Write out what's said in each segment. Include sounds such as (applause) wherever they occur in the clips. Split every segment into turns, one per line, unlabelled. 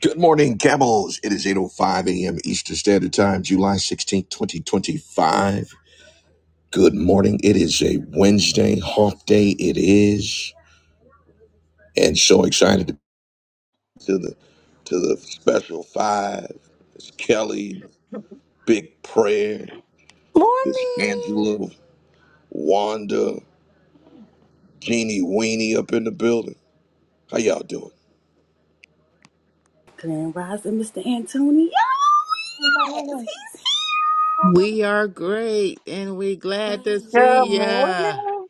Good morning, Camels. It is 8.05 a.m. Eastern Standard Time, July sixteenth, twenty 2025. Good morning. It is a Wednesday, Hawk Day it is. And so excited to to the to the special five. It's Kelly, Big Prayer, it's
Morning.
Angela, Wanda, Jeannie Weenie up in the building. How y'all doing?
Grand Rising, Mr. Antonio.
Good
We are great and we glad to see ya.
morning.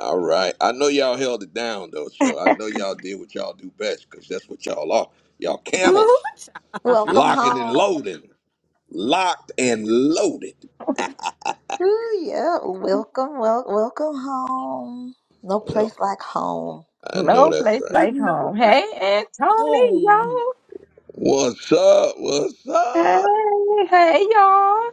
All right. I know y'all held it down though, so I know y'all did what y'all do best, because that's what y'all are. Y'all camels.
Welcome
Locking and
home.
loading. Locked and loaded.
Ooh, yeah. Welcome, well, welcome home. No
Well,
place like home.
I know
No
that's
place
(laughs)
right.
like
No,
home. Hey,
like,
Antonio.
home.
What's up? What's up?
Hey, hey, y'all.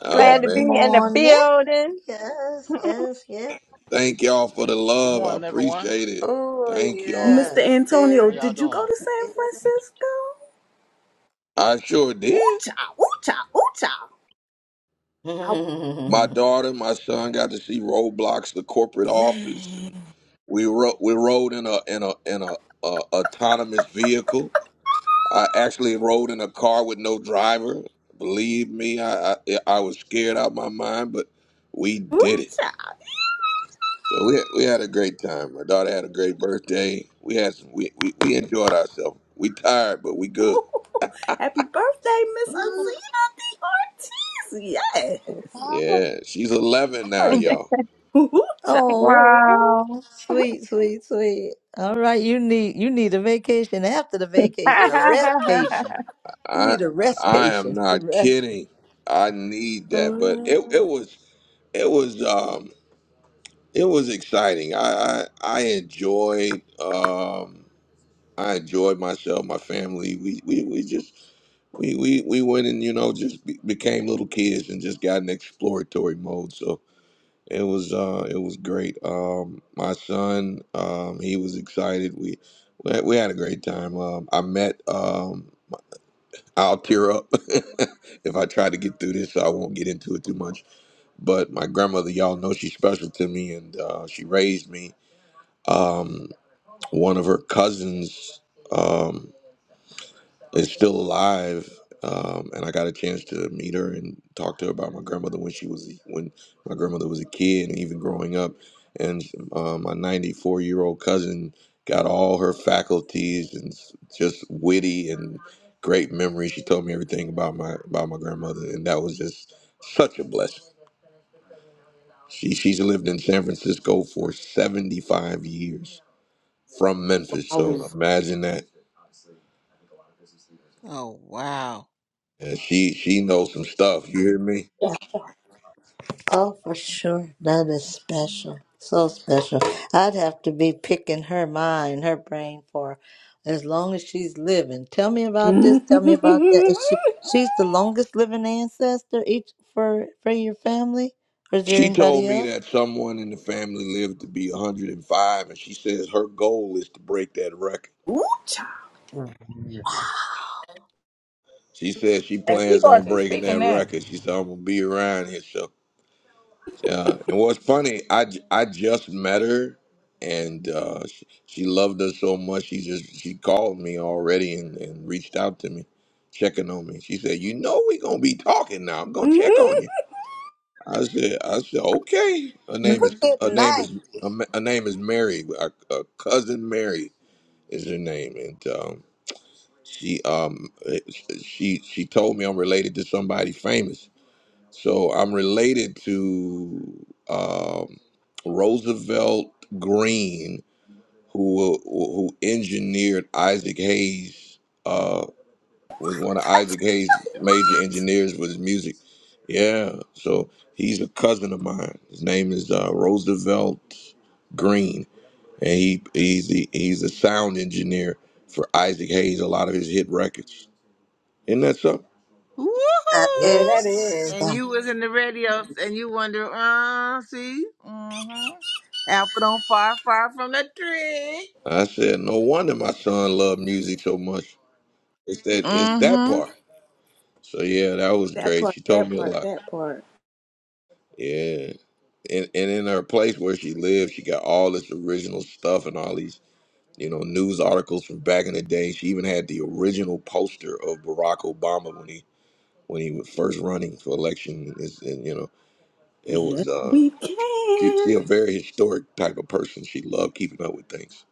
Oh,
Glad to
man.
be in the
Morning.
building.
Yes, yes, yes.
Thank y'all for the
Good
love. I
morning, everyone.
appreciate it.
Oh,
Thank y'all.
Mr.
yes.
Antonio,
How
There's.
y'all
did you go
doing?
to San
(laughs)
Francisco?
I sure did.
Ooh-cha, ooh-cha, ooh-cha. Oh,
My
Ooh,
daughter, my son got to see Roblox, the corporate office,
yeah.
and we ro- we rode in a in a in a, a autonomous vehicle. I actually rode in a car with no driver. Believe me, I I, I was scared out my mind, but we did it.
Ooh-cha.
So we we had a great time. My daughter had a great birthday. We had some, we, we we enjoyed ourselves. We tired, but we good.
(laughs) Happy birthday, Miss Azina D. Ortiz. Yeah.
how
Yeah, she's 11
are
now,
you?
(laughs)
y'all.
Ooh-cha.
Oh,
Wow.
sweet, sweet, sweet. All right, you need you need a vacation after the
(laughs) and
vacation, a restcation. You
I
need a
I am
restcation. (laughs)
not
Rest.
kidding. I need that, but it
Oh.
it was it was um it was exciting. I I, I enjoyed. Um, I enjoyed myself, my family. We we, we just we, we we went and you know just be, became little kids and just got in exploratory mode. So it was uh it was great. Um, my son, um, he was excited. We we had, we had a great time. Um, I met um. I'll tear up (laughs) if I try to get through this, so I won't get into it too much. But my grandmother, y'all know she's special to me, and uh, she raised me. Um, one of her cousins Um, is still alive. Um, and I got a chance to meet her and talk to her about my grandmother when she was when my grandmother was a kid and even growing up. And uh, my 94 year old cousin got all her faculties and s- just witty and great memories. She told me everything about my about my grandmother, and that was just such a blessing. She she's lived in San Francisco for 75 years from Memphis, so
Wowza.
imagine that.
Oh wow.
And she she knows some stuff. You hear me?
Oh, for sure. That is special. So special. I'd have to be picking her mind, her brain for as long as she's living. Tell me about this. Tell me about that. Is she, she's the
(laughs)
longest living ancestor each for for your family, or is there
She told
anybody
me
else?
that someone in the family lived to be 105, and five, and she says her goal is to break that record.
ooh-cha.
She says she
we
plans
going
on
See,
breaking
speaking
that
that,
record. She said, I'm going to be around here. So, uh, and what's funny, I, j- I just met her, and uh, she, she loved us so much, she just she called me already and, and reached out to me, checking on me. She said, You know, we going to be talking now. I'm
(laughs)
going to check
what?
on you. I said, I said, okay. Her name
Look
is,
at
her name is, her
ninety.
ma- her name is Mary. Our, our uh, cousin Mary is her name, and um, she, um, eh, she, she told me I'm related to somebody famous. So I'm related to um, Roosevelt Green, who who engineered Isaac Hayes' uh, was one of Isaac Hayes' major engineers with his music. Yeah, so he's a cousin of mine. His name is uh, Roosevelt Green, and he he's the, he's a sound engineer for Isaac Hayes. A lot of his hit records. Isn't that something?
Woohoo!
That
Yeah, that
is.
is.
And you was in the radio and you wonder, uh, see? Mm-hmm. Apple don't far, far from the tree.
I said, no wonder my son loved music so much. It's that it's that
Mm-hmm.
part. So yeah, that was
That
great.
part,
She told
that
me a
part,
lot.
that part.
Yeah, and and in her place where she lived, she got all this original stuff and all these you know, news articles from back in the day. She even had the original poster of Barack Obama when he when he was first running for election. Is and you know, it was
Yes,
uh,
we
she,
can.
she a very historic type of person. She loved keeping up with things.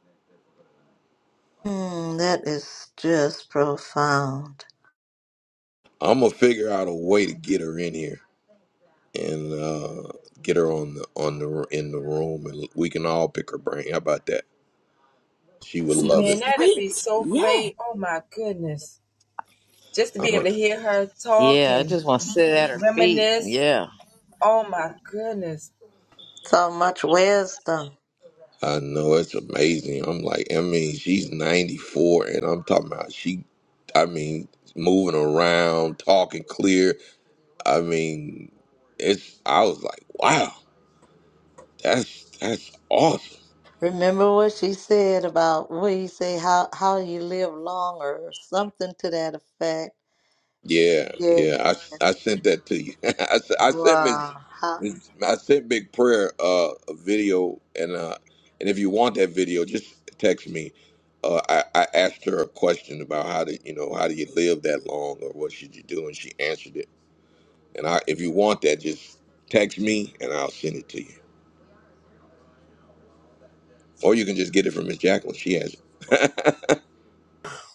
Hmm, that is just profound.
I'm gonna figure out a way to get her in here and uh, get her on the on the in the room, and we can all pick her brain. How about that? She would love
Sounds
it.
Man, that'd be
great.
so
Yeah.
great. Oh my goodness. Just to be able to hear her talk
Yeah, I
and
just want to sit at her feet.
reminisce.
Yeah.
Oh my goodness.
So much wisdom.
I know it's amazing. I'm like, I mean, she's 94, and I'm talking about she, I mean, moving around, talking clear. I mean, it's. I was like, wow, that's that's awesome.
Remember what she said about what you say how how you live longer or something to that effect.
Yeah,
Yeah.
yeah. I, I sent that to you. (laughs) I, s- I sent Miss,
Wow. How,
Miss- I sent Big Prayer uh, a video, and uh, and if you want that video, just text me. Uh, I, I asked her a question about how to, you know, how do you live that long, or what should you do, and she answered it And I, if you want that, just text me and I'll send it to you. Or you can just get it from Miss Jacqueline. She has it.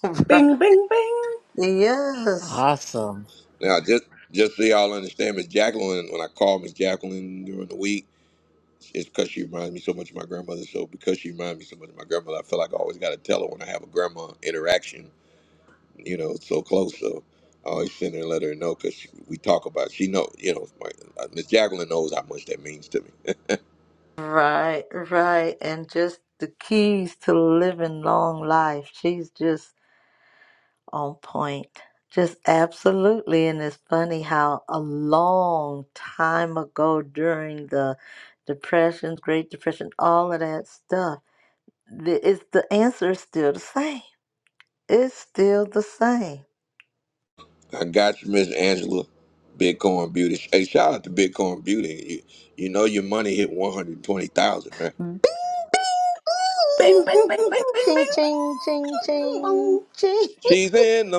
(laughs) right.
Bing, bing, bing.
Yes.
Awesome.
(laughs) now, just just so y'all understand, Miss Jacqueline, when I call Miss Jacqueline during the week, it's because she reminds me so much of my grandmother. So because she reminds me so much of my grandmother, I feel like I always got to tell her when I have a grandma interaction. You know, it's so close. So I always send her and let her know because we talk about. She know, you know, my- uh, Miss Jacqueline knows how much that means to me.
Right. Right. And just the keys to living long life. She's just on point. Just absolutely. And it's funny how a long time ago during the depression, Great Depression, all of that stuff, the, it's the answer is still the same It's still the same.
I got you, Miss Angela. Bitcoin Beauty. Hey, shout out to Bitcoin Beauty. You, you know your money hit one hundred twenty thousand, right?
Bing, bing,
Bing, bing, bing, bing, bing, bing,
bing. Ching, ching, ching,
bing, bing, bing.
ching,
bing.
ching.
She's in the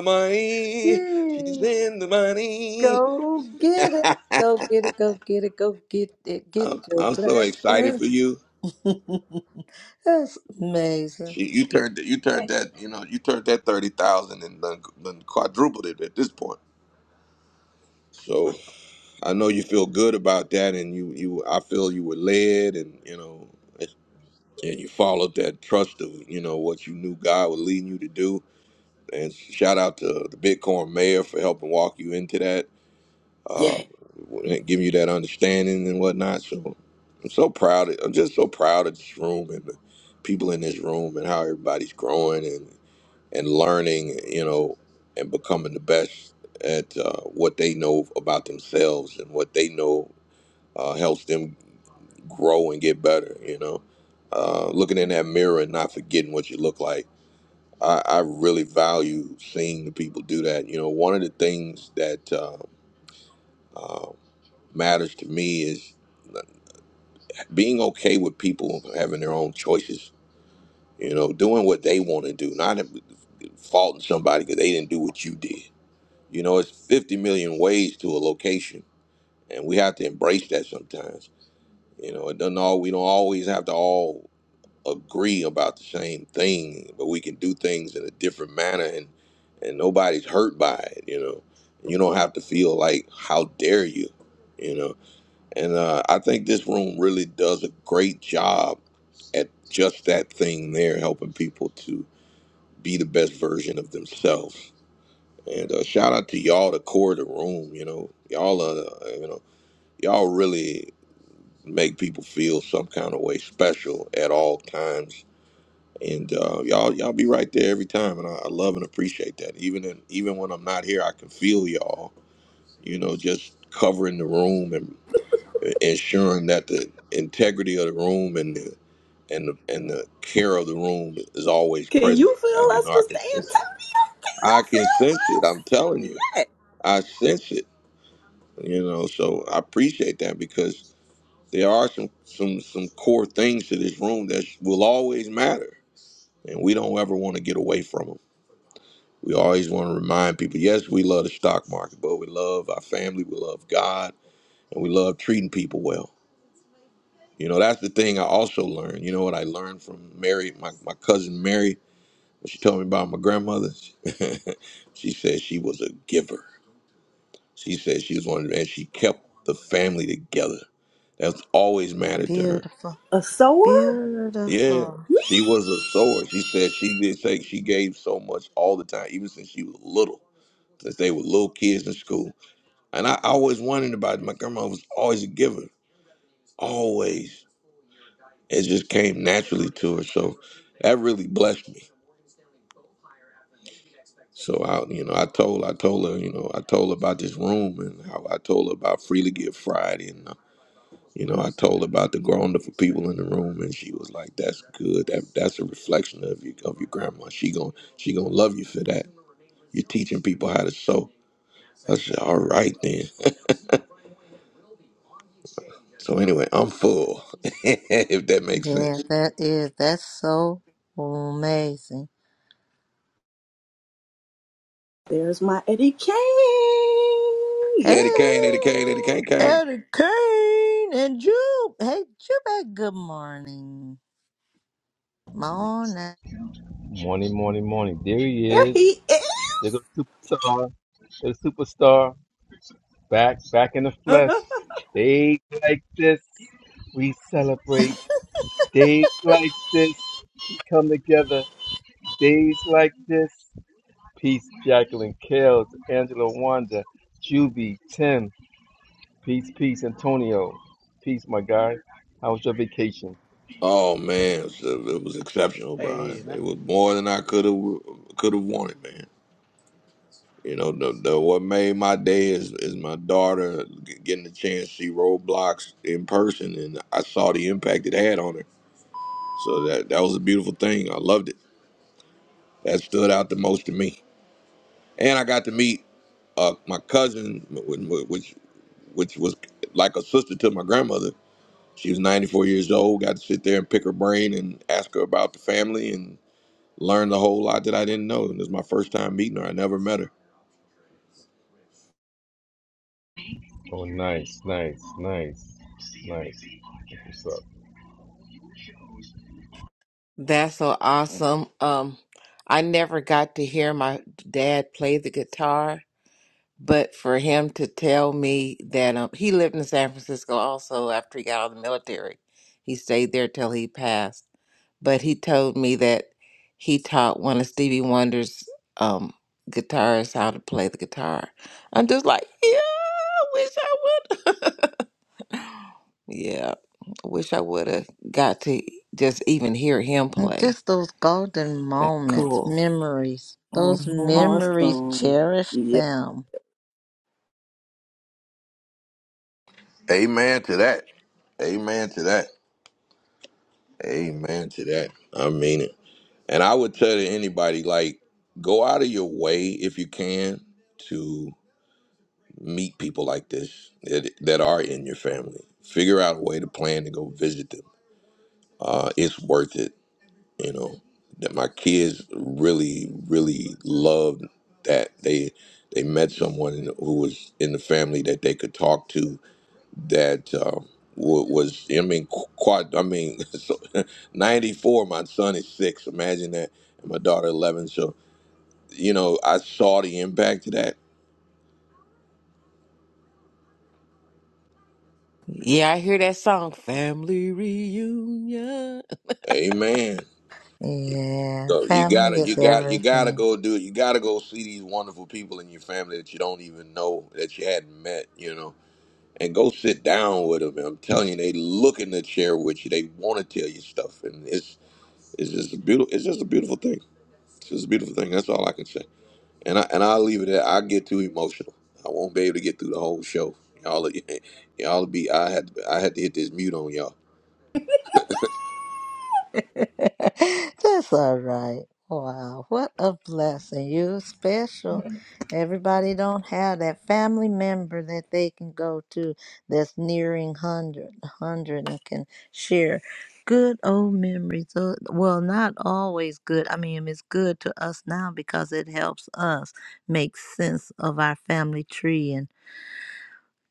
(laughs)
money. She's
Yay.
in the money.
Go get
(laughs)
it. Go get it. Go get it. Go get it. Get
I'm,
your
I'm so excited
blessing.
for you.
(laughs) That's amazing.
She, you turned you turned that you know you turned that thirty thousand and then, then quadrupled it at this point. So I know you feel good about that, and you you I feel you were led, and you know, and you followed that trust of you know what you knew God was leading you to do And shout out to the Bitcoin Mayor for helping walk you into that,
Yeah.
uh, and giving you that understanding and whatnot. So I'm so proud. I'm just so proud of this room and the people in this room and how everybody's growing and and learning, you know, and becoming the best at uh, what they know about themselves and what they know uh, helps them grow and get better. You know, uh, looking in that mirror and not forgetting what you look like I, I really value seeing the people do that. You know, one of the things that uh, uh, matters to me is being okay with people having their own choices. You know, doing what they want to do, not faulting somebody because they didn't do what you did. You know, it's 50 million ways to a location, and we have to embrace that sometimes. You know, it doesn't all we don't always have to all agree about the same thing, but we can do things in a different manner, and and nobody's hurt by it. You know, you don't have to feel like how dare you, you know. And uh, I think this room really does a great job at just that thing there, helping people to be the best version of themselves. And uh, shout out to y'all, the core of the room. You know, y'all are, uh, you know, y'all really make people feel some kind of way special at all times and uh, y'all y'all be right there every time, and I, I love and appreciate that. Even in, even when I'm not here, I can feel y'all. You know, just covering the room and ensuring that the integrity of the room and the and the, and the care of the room is always
Can
present.
you feel
And you
us,
know, I can
Mr.
sense it.
Antonio? Can
I can sense it. I'm telling
you feel us?
you,
Yeah.
I sense it. You know, so I appreciate that because there are some some some core things to this room that will always matter, and we don't ever want to get away from them We always want to remind people yes, we love the stock market, but we love our family, we love God, and we love treating people well. You know, that's the thing I also learned. You know what I learned from Mary, my, my cousin Mary, when she told me about my grandmother? (laughs) she said she was a giver. She said she was one of the, and she kept the family together. That's always mattered to her.
Beautiful.
A sower?
Yeah,
Beautiful.
she was a sower. She said she did say she gave so much all the time, even since she was little, since they were little kids in school. And I I always wondered about it. My grandma was always a giver, always. It just came naturally to her. So that really blessed me. So I, you know, I told, I told her, you know, I told her about this room and how I told her about Freely Give Friday and, uh, you know, I told her about the wonderful people in the room and she was like, "That's good. That that's a reflection of your of your grandma. She gon' she gonna love you for that. You're teaching people how to sew." I said, "All right then." (laughs) So anyway, I'm full. (laughs) if that makes
Yeah,
sense.
that is. That's so amazing.
There's my Eddie Kane.
Hey,
Yeah.
Eddie Kane, Eddie Kane, Eddie Kane, Kane.
Eddie Kane and Jube. Hey, Jube, good morning. Morning.
Morning, morning, morning. There he
There
is.
he is.
There a superstar. There's a superstar. Back, back in the flesh.
(laughs)
Days like this, we celebrate. Days like this, we come together. Days like this. Peace, Jacqueline, Kels, Angela, Wanda, Juby, Tim. Peace, peace, Antonio. Peace, my guy. How was your vacation?
Oh man, it was it was exceptional, Brian.
Hey, man.
It was more than I could have could have wanted, man. You know, the, the what made my day is is my daughter g- getting the chance to see Roblox in person, and I saw the impact it had on her. So that that was a beautiful thing. I loved it. That stood out the most to me, and I got to meet uh, my cousin, wh- wh- which which was like a sister to my grandmother She was 94 years old. Got to sit there and pick her brain and ask her about the family and learned a whole lot that I didn't know. And it was my first time meeting her. I never met her.
Oh, nice, nice, nice, nice. What's up?
That's so awesome. Um, I never got to hear my dad play the guitar But for him to tell me that um, he lived in San Francisco also after he got out of the military, he stayed there till he passed. But he told me that he taught one of Stevie Wonder's um, guitarists how to play the guitar. I'm just like, yeah, I wish I would. (laughs) yeah, I wish I would have got to just even hear him
And
play.
just those golden
That's
moments,
cool.
memories, those
hmm
memories,
awesome.
cherish
Yeah.
them.
Amen to that. Amen to that. Amen to that. I mean it. And I would tell anybody, like, go out of your way if you can to meet people like this that, that are in your family. Figure out a way to plan to go visit them. Uh, it's worth it. you know that my kids really really loved that they they met someone in- who was in the family that they could talk to that um, wa- was I mean qu- quite I mean (laughs) so, 94 my son is 6 imagine that and my daughter 11 so you know I saw the impact of that
Yeah, I hear that song, Family Reunion.
amen
Yeah,
so you
family
gotta,
is
you got, you gotta
everything.
go do it. You gotta go see these wonderful people in your family that you don't even know that you hadn't met. You know, and go sit down with them. And I'm telling you, they look in the chair with you. They want to tell you stuff, and it's it's just a beautiful. It's just a beautiful thing. It's just a beautiful thing. That's all I can say. And I and I'll leave it at. I get too emotional. I won't be able to get through the whole show. Y'all, (laughs) y'all be. I had I had to hit this mute on y'all.
(laughs) That's all right. Wow, what a blessing. You're special. Everybody don't have that family member that they can go to that's nearing 100, and can share good old memories. Uh, Well, not always good. I mean, it's good to us now because it helps us make sense of our family tree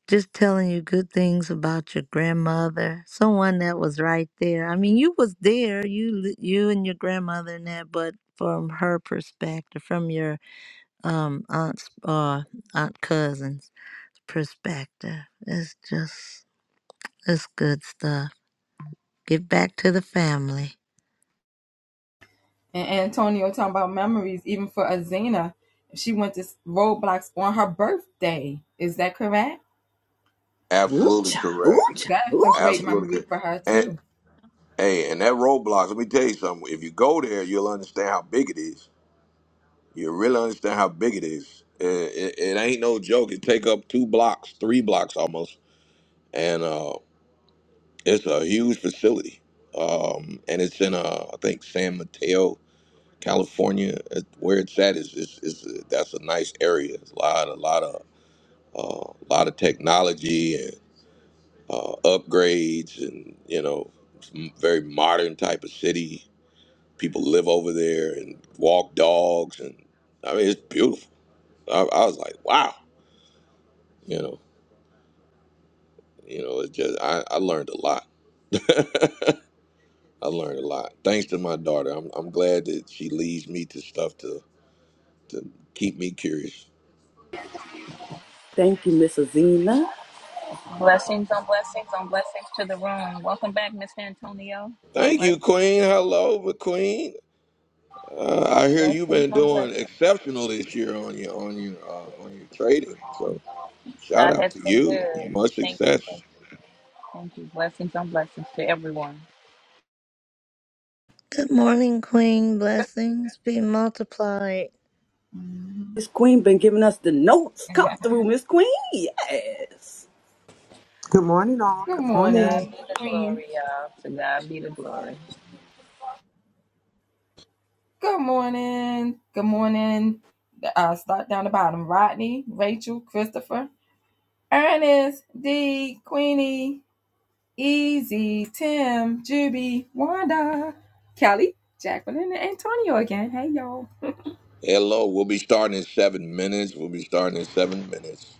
just telling you good things about your grandmother, someone that was right there. I mean, you was there, you li- you and your grandmother and that, but from her perspective, from your um aunt's uh, aunt cousin's perspective, it's just it's good stuff. Get back to the family.
And Antonio talking about memories, even for Azena, she went to Roblox on her birthday. Is that correct?
Absolutely
Ooh-cha,
correct.
ooh-cha,
That's a great
ooh-cha.
Absolutely
memory
correct.
for her
And
too.
hey, and that roadblocks. Let me tell you something. If you go there, you'll understand how big it is You really understand how big it is. It, it, it ain't no joke. It take up two blocks, three blocks almost, and uh, it's a huge facility. Um, and it's in uh, I think San Mateo, California. It- Where it's at is is, is that's a nice area. It's a lot, a lot of uh, a lot of technology and uh, upgrades, and you know, it's m- very modern type of city. People live over there and walk dogs, and I mean, it's beautiful. I, I was like, wow. you know you know it's just i, I learned a lot (laughs) i learned a lot thanks to my daughter I'm, I'm glad that she leads me to stuff to to keep me curious
Thank you, Miss Azina.
Blessings on blessings on blessings to the room. Welcome back, Mr. Antonio.
thank you
Blessings.
queen hello but queen uh, i hear you've
Blessings
been
on
doing
blessings.
exceptional this year on your on your uh, on your trading so shout
God
out
has
to
been
you
good.
much
Thank you,
success
thank you, thank you. Blessings on blessings to everyone.
Good morning, Queen. Blessings be multiplied.
Miss Queen been giving us the notes. Come through, Miss Queen. Yes.
Good morning, all.
Good
Good
To
morning.
God
morning,
be the
Queen.
glory, y'all. To God be the glory.
Good morning. Good morning. Uh, start down the bottom. Rodney, Rachel, Christopher, Ernest, D, Queenie, Easy, Tim, Juby, Wanda, Kelly, Jacqueline, and Antonio again. Hey y'all.
hello we'll be starting in seven minutes we'll be starting in seven minutes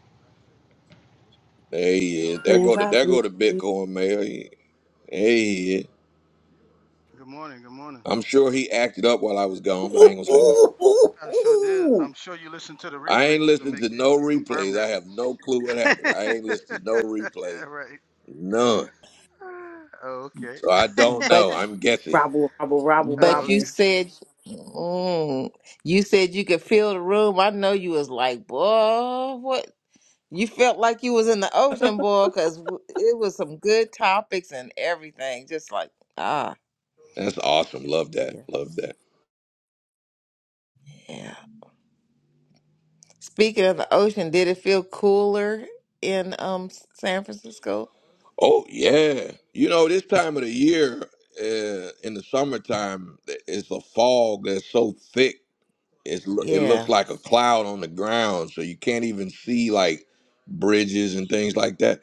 There he is. there go
Grand
to there
Rising.
go to bitcoin mayor hey yeah.
Good morning. Good morning.
I'm sure he acted up while I was gone, but I
Ooh,
ain't gonna say nothing.
ooh, ooh,
I sure did.
ooh.
I'm sure you listened to the
I
replay
ain't
too to
listened
make
to
to
no
confirm
replays. I
that.
have no clue what happened. I ain't listened to
(laughs)
no
yeah,
replays.
right.
None.
Oh, okay.
So I
(laughs)
don't know.
but.
I'm guessing.
Robble, robble, robble,
But
Oh,
you
robble.
okay.
said, mm, you said you could feel the room. I know you was like, boy, what? You felt like you was in the ocean, boy, because it was some good topics and everything. Just like, ah,
That's awesome. Love that.
yeah,
Love that.
yeah. Speaking of the ocean, did it feel cooler in um San Francisco?
Oh yeah. You know, this time of the year, uh, in the summertime, it's a fog that's so thick. It's lo- it looks
Yeah.
like a cloud on the ground, so you can't even see like bridges and things like that.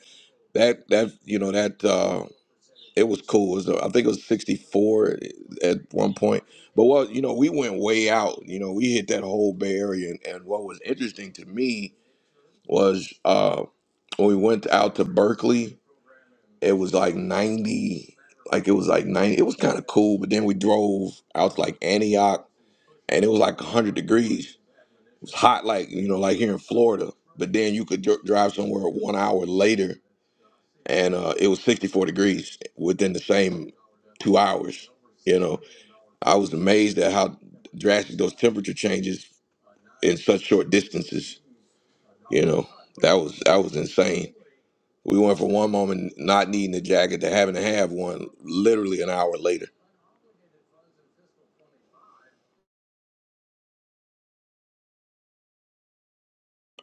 That that you know that. Uh, It was cool. It was, I think it was 64 at one point. But well, you know, we went way out. You know, we hit that whole Bay Area. And, and what was interesting to me was uh, when we went out to Berkeley, it was like 90, like it was like 90. It was kind of cool. But then we drove out to like Antioch and it was like 100 degrees. It was hot, like, you know, like here in Florida. But then you could dr- drive somewhere one hour later and uh, it was 64 degrees within the same two hours. You know, I was amazed at how drastic those temperature changes in such short distances. You know, that was that was insane. We went from one moment not needing a jacket to having to have one literally an hour later.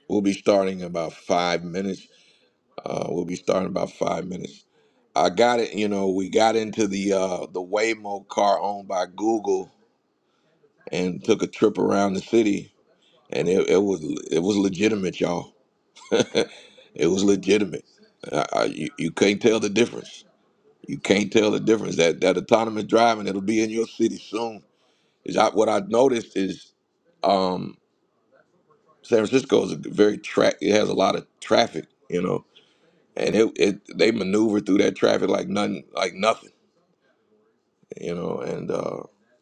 We'll be starting in about five minutes. Uh, we'll be starting about five minutes. I got it. You know, we got into the uh, the Waymo car owned by Google and took a trip around the city and it, it was it was legitimate, y'all. (laughs) it was legitimate. I, I, you, you can't tell the difference. You can't tell the difference. That that autonomous driving, it'll be in your city soon. Is I, what I noticed is um, San Francisco is a very track. It has a lot of traffic, you know, and it, it they maneuver through that traffic like nothing, like nothing you know and uh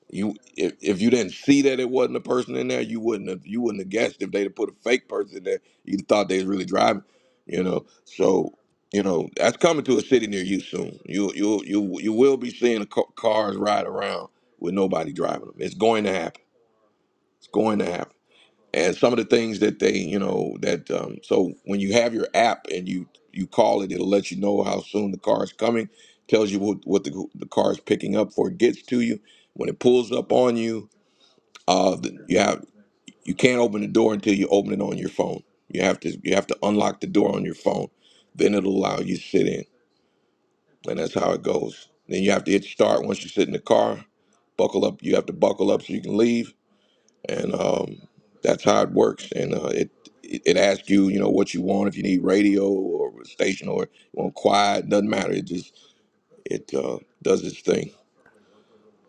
you if, if you didn't see that it wasn't a person in there you wouldn't have you wouldn't have guessed if they'd have put a fake person in there you thought they was really driving you know so you know that's coming to a city near you soon you you you you will be seeing ca- cars ride around with nobody driving them it's going to happen it's going to happen and some of the things that they you know that um, so when you have your app and you you call it it'll let you know how soon the car is coming tells you what, what the, the car is picking up before it gets to you when it pulls up on you uh the, you have you can't open the door until you open it on your phone you have to you have to unlock the door on your phone then it'll allow you to sit in and that's how it goes then you have to hit start once you sit in the car buckle up you have to buckle up so you can leave and um, that's how it works. And uh, it it asks you, you know, what you want. If you need radio or a station or you want quiet, doesn't matter. It just it uh, does its thing.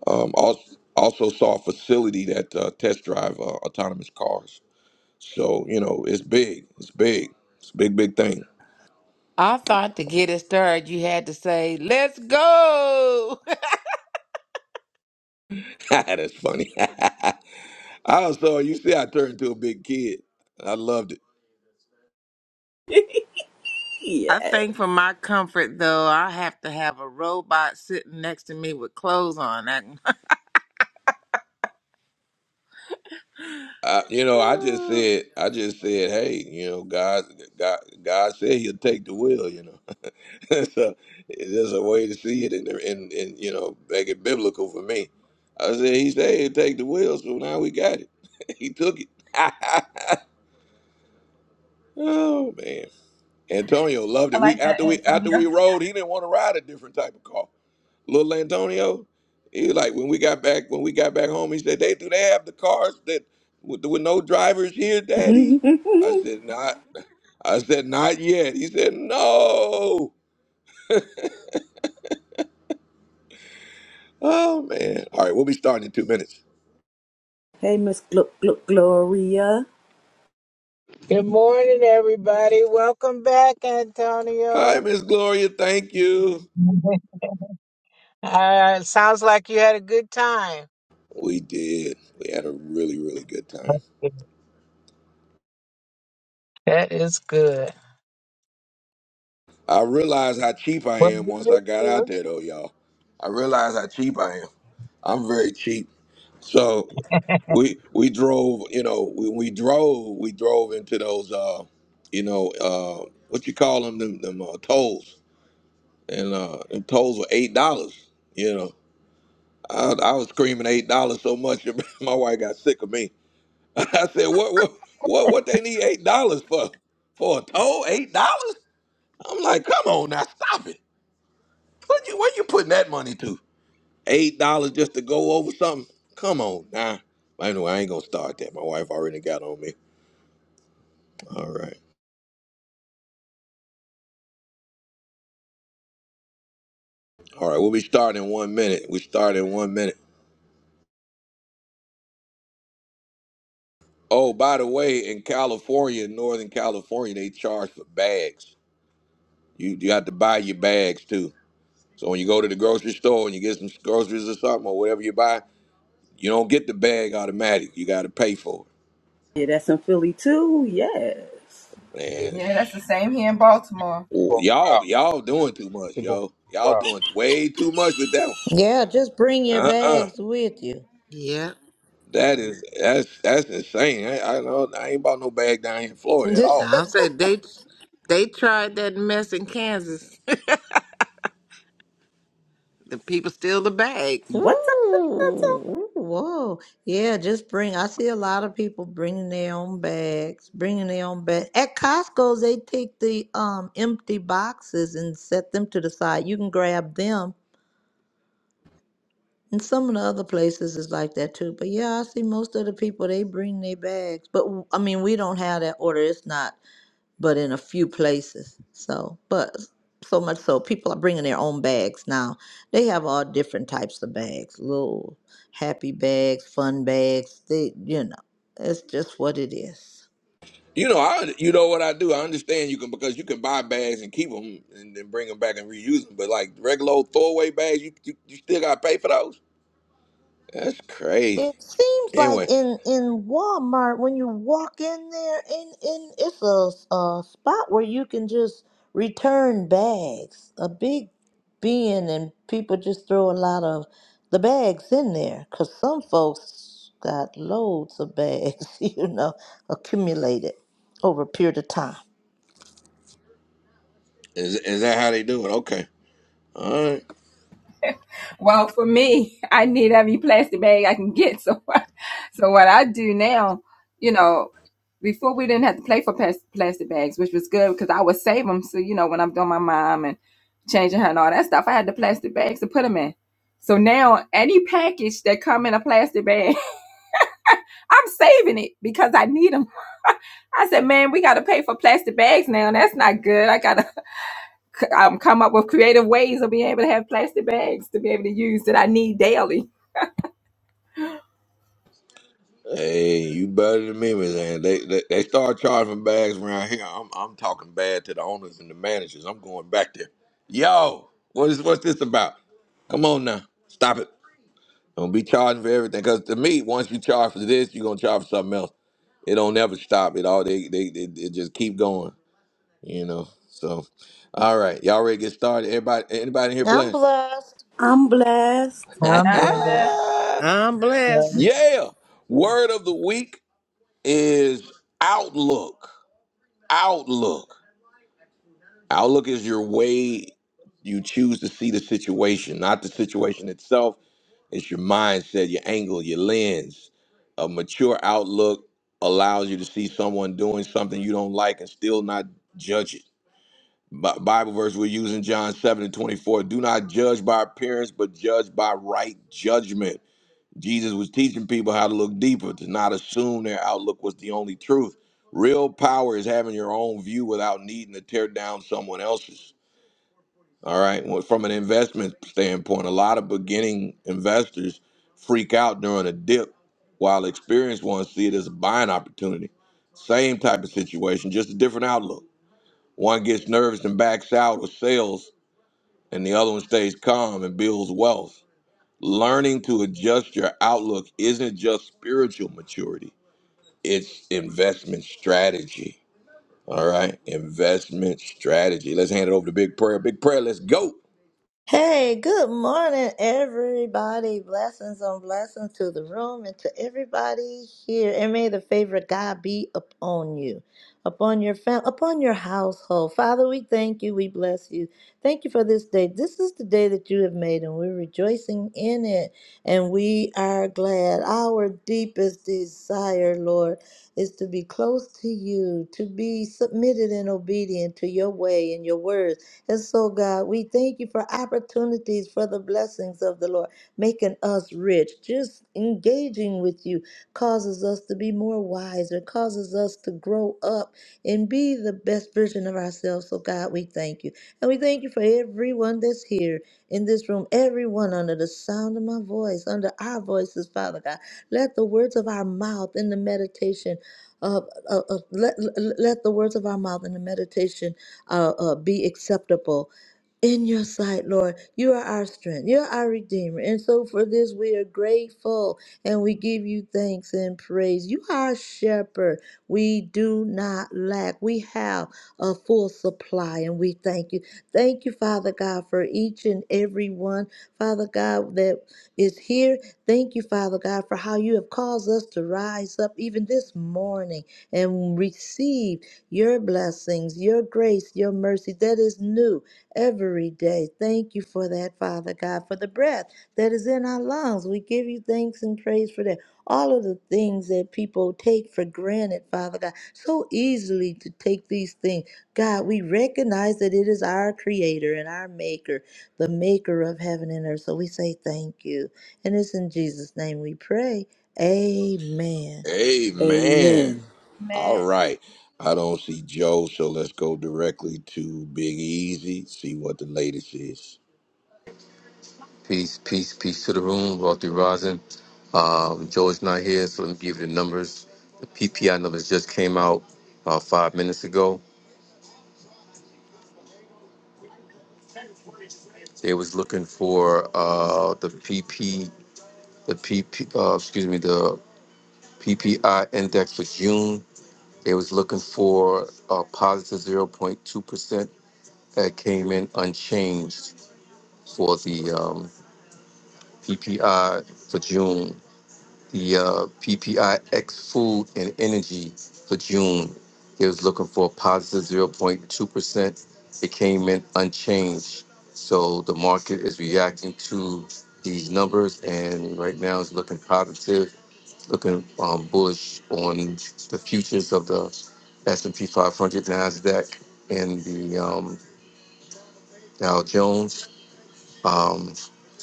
Um, also, also saw a facility that uh, test drive uh, autonomous cars. So you know, it's big. It's big. It's a big, big thing.
I thought to get it started, you had to say, let's go.
(laughs) that's funny. (laughs) I also, you see, I turned into a big kid. I loved it.
I
Yeah.
think for my comfort though, I have to have a robot sitting next to me with clothes on. That,
I, you know, I just
(laughs)
said, I just said, hey, you know, God, God, God said He'll take the will. You know, (laughs) so it's just a way to see it, and and and you know, make it biblical for me. I said, He said He'll take the will, so now we got it. (laughs) he took it. (laughs) oh man, Antonio loved
I
it. We
like that
after we after
Antonio.
we rode, he didn't want to ride a different type of car little Antonio. He was like when we got back when we got back home, he said, "They do they have the cars that with, with no drivers here, Daddy?" I
(laughs)
said, "Not." I said, "Not yet." He said, "No." Oh man! All right, we'll be starting in two minutes.
hey, Miss Gluck, Gluck, Gloria.
Good morning, everybody. Welcome back,
Hi,
Antonio. (laughs)
Miss Gloria. Thank you.
Mhm. Uh, sounds like you had a good time.
We did. We had a really really good time.
That is good.
I realized how cheap I
Well,
am
we
once I
missed
got out
you.
there, though, y'all. I realized how cheap I am. I'm very cheap. So we we drove you know when we drove we drove into those uh you know uh what you call them them, them uh, tolls and uh them tolls were eight dollars you know I, I was screaming eight dollars so much (laughs) my wife got sick of me (laughs) i said what what what what they need eight dollars for for a toll eight dollars i'm like come on now stop it what you what you putting that money to eight dollars just to go over something come on now anyway i ain't gonna start that my wife already got on me all right All right, we'll be starting in one minute. We start in one minute. Oh, by the way, in California, Northern California, they charge for bags. You you have to buy your bags too. So when you go to the grocery store and you get some groceries or something or whatever you buy, you don't get the bag automatic. You got to pay for
Yeah, that's in Philly too. Yes.
it.
Yeah.
Man,
Yeah, that's the same here in Baltimore.
oh, y'all y'all doing too much,
Been going
yo.
for a
Y'all
while.
doing way too much with that one.
Yeah, just bring your
Uh uh
bags with you.
yeah,
That is that's that's insane. I, I know I ain't bought no bag down here in Florida at
(laughs)
all.
I'll say they they tried that mess in Kansas. (laughs) The people steal the bags.
What's up, what's up, what's up?
Ooh, ooh, whoa. Yeah, just bring. I see a lot of people bringing their own bags, bringing their own bag. At Costco, they take the um empty boxes and set them to the side. You can grab them. And some of the other places is like that too. But yeah, I see most of the people, they bring their bags. But w- I mean, we don't have that order. It's not but in a few places. So, but so much so, people are bringing their own bags now. They have all different types of bags, little happy bags, fun bags. They, you know, it's just what it is.
You know, I you know what I do. I understand you can because you can buy bags and keep them and then bring them back and reuse them. But like regular old throwaway bags, you you, you still got to pay for those. That's crazy.
It seems like
Anyway,
in in Walmart when you walk in there, in in it's a, s- a spot where you can just return bags, a big bin, and people just throw a lot of the bags in there because some folks got loads of bags, (laughs) you know, accumulated over a period of time.
is is that how they do it? Okay. All right.
Well, for me, (laughs) I need every plastic bag I can get. So, (laughs) so what I do now, you know, before we didn't have to play for plas- plastic bags, which was good because I would save them. So, you know, when I'm doing my mom and changing her and all that stuff, I had the plastic bags to put them in. So now any package that come in a plastic bag, (laughs) I'm saving it because I need them. I said, man, we got to pay for plastic bags now. That's not good. I got to (laughs) um, come up with creative ways of being able to have plastic bags to be able to use that I need daily.
Hey, you better than me, Miss Ann. They, they they start charging bags around here. I'm I'm talking bad to the owners and the managers. I'm going back there. Yo, what is what's this about? Come on now, stop it. Don't be charging for everything. Because to me, once you charge for this, you're gonna charge for something else. It don't never stop. It all they they it, it just keep going. You know. So, all right, y'all ready to get started? Everybody, anybody in here
I'm
blessed?
blessed.
I'm blessed.
(laughs)
I'm glad.
Number,
I'm
yeah.
blessed.
yeah. Word of the week is outlook. Outlook. Outlook is your way you choose to see the situation, not the situation itself It's your mindset, your angle, your lens. A mature outlook allows you to see someone doing something you don't like and still not judge it. Bi- Bible verse we're using John 7 and 24. Do not judge by appearance, but judge by right judgment. Jesus was teaching people how to look deeper, to not assume their outlook was the only truth. Real power is having your own view without needing to tear down someone else's. All right. Well, from an investment standpoint, a lot of beginning investors freak out during a dip while experienced ones see it as a buying opportunity. Same type of situation, just a different outlook. One gets nervous and backs out or sells, and the other one stays calm and builds wealth. Learning to adjust your outlook isn't just spiritual maturity, it's investment strategy. All right. Investment strategy. Let's hand it over to Big Prayer. Big Prayer, let's go.
Hey, good morning, everybody. Blessings on blessings to the room and to everybody here. And may the favor of God be upon you, upon your family, upon your household. Father, we thank you. We bless you. Thank you for this day. This is the day that you have made, and we're rejoicing in it. And we are glad. Our deepest desire, Lord, is to be close to you, to be submitted and obedient to your way and your words and so, God, we thank you for opportunities for the blessings of the Lord, making us rich. Just engaging with you causes us to be more wise and causes us to grow up and be the best version of ourselves. So, God, we thank you. And we thank you for everyone that's here in this room, everyone under the sound of my voice, under our voices, Father God. Let the words of our mouth and the meditation of, of, of- let, let let the words of our mouth and the meditation uh, uh, be acceptable in your sight, Lord. You are our strength. You're our redeemer. And so for this, we are grateful and we give you thanks and praise. You are our shepherd. We do not lack. We have a full supply and we thank you. Thank you, Father God, for each and every one, Father God, that is here. Thank you, Father God, for how you have caused us to rise up even this morning and receive your blessings, your grace, your mercy that is new every day. Thank you for that, Father God, for the breath that is in our lungs. We give you thanks and praise for that. All of the things that people take for granted, Father God, so easily to take these things. God, we recognize that it is our Creator and our Maker, the Maker of heaven and earth. So we say thank you. And it's in Jesus' name we pray. Amen.
Amen.
Amen.
All
man.
right. I don't see Joe, so let's go directly to Big Easy, see what the latest is.
Peace, peace, peace to the room. Wealthy rising. Um, Joe's not here, so let me give you the numbers. The PPI numbers just came out uh, five minutes ago. They was looking for uh, the PP, the PP, uh, excuse me, the PPI index for June. They was looking for a positive zero point 0.2 percent that came in unchanged for the um, PPI for June. the uh, PPIX food and energy for June. It was looking for a positive 0.2%. It came in unchanged. So the market is reacting to these numbers, and right now it's looking positive, looking um, bullish on the futures of the S&P 500, Nasdaq, and the um, Dow Jones. Um,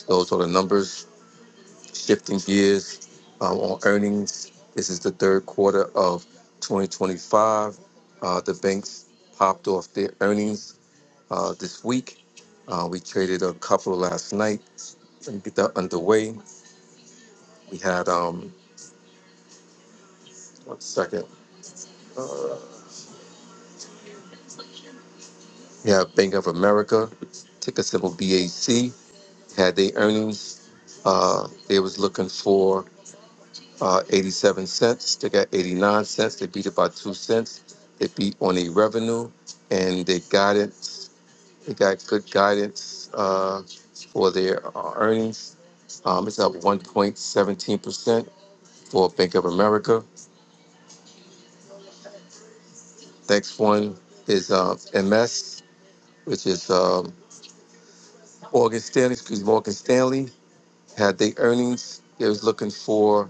those are the numbers. Shifting gears um, on earnings, this is the third quarter of 2025. Uh, the banks popped off their earnings uh, this week. Uh, we traded a couple last night and get that underway. We had, um, one second, uh, we have Bank of America, ticker symbol BAC, had their earnings. Uh, they was looking for uh, 87 cents. They got 89 cents. They beat it by two cents. They beat on the revenue and they guidance. They got good guidance uh, for their uh, earnings. Um, it's up 1.17% for Bank of America. Next one is uh, MS, which is um, Morgan Stanley. Excuse me, Morgan Stanley had their earnings. They was looking for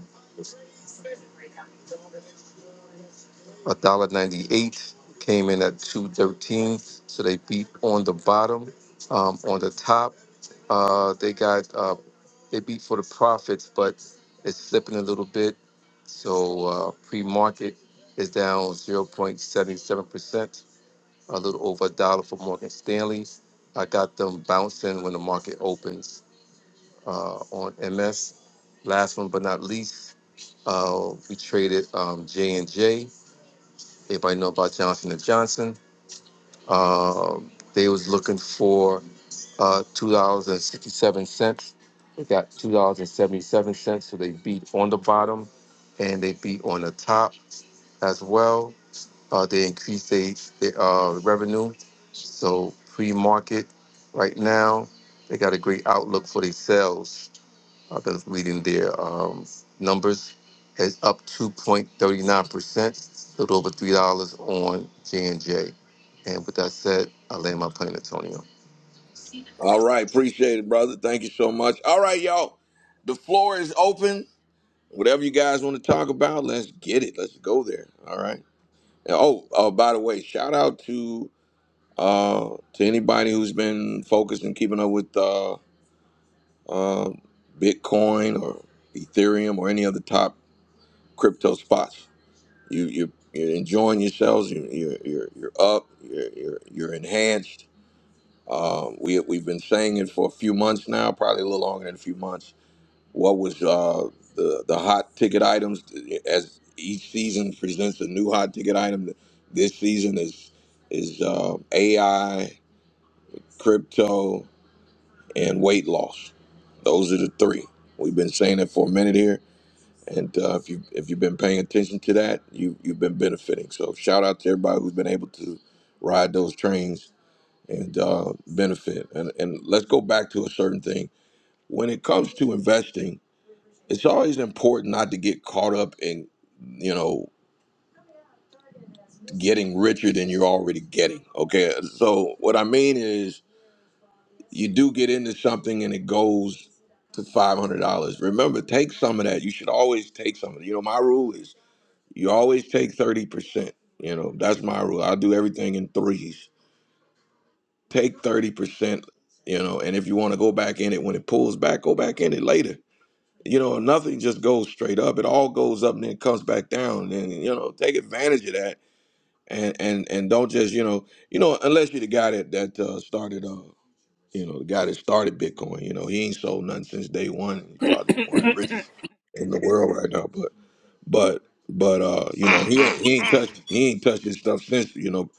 a dollar ninety eight came in at two thirteen. So they beat on the bottom. Um, on the top, uh, they got uh, they beat for the profits, but it's slipping a little bit. So uh, pre market is down zero point seventy seven percent, a little over a dollar for Morgan Stanley. I got them bouncing when the market opens uh, on MS. Last one but not least, uh, we traded um, J and J. Everybody know about Johnson and Johnson. Um, they was looking for uh, two dollars and sixty-seven cents. They got two dollars and seventy-seven cents, so they beat on the bottom, and they beat on the top as well. Uh, they increased their, their uh, revenue. So pre-market right now, they got a great outlook for their sales. I've others reading their um, numbers, has up 2.39%, a little over $3 on J&J. And J. And with that said, I land my plane, Antonio.
All right. Appreciate it, brother. Thank you so much. All right, y'all. The floor is open. Whatever you guys want to talk about, let's get it. Let's go there. All right. And, Oh, uh, by the way, shout out to uh, to anybody who's been focused and keeping up with uh, uh, Bitcoin or Ethereum or any other top crypto spots. You you you're enjoying yourselves. You you're you're, you're up. You're, you're you're enhanced. Um, we we've been saying it for a few months now, probably a little longer than a few months. What was uh, the the hot ticket items as each season presents a new hot ticket item. This season is is uh, AI, crypto, and weight loss. Those are the three. We've been saying it for a minute here and uh, if you if you've been paying attention to that, you you've been benefiting. So shout out to everybody who's been able to ride those trains and uh, benefit. And and let's go back to a certain thing. When it comes to investing, it's always important not to get caught up in you know getting richer than you're already getting. Okay, so what I mean is you do get into something and it goes to five hundred dollars. Remember, take some of that. You should always take some of it. You know, my rule is You always take 30%. You know, that's my rule. I do everything in threes. Take 30%, you know, and if you want to go back in it when it pulls back, go back in it later. You know, nothing just goes straight up. It all goes up and then comes back down. And you know, take advantage of that and and and don't just, you know, you know, unless you're the guy that that uh, started uh you know, the guy that started Bitcoin, you know, he ain't sold nothing since day one. He's probably one of the richest in the world right now. but. But but uh, you know, he ain't he ain't touched he ain't touched his stuff since, you know,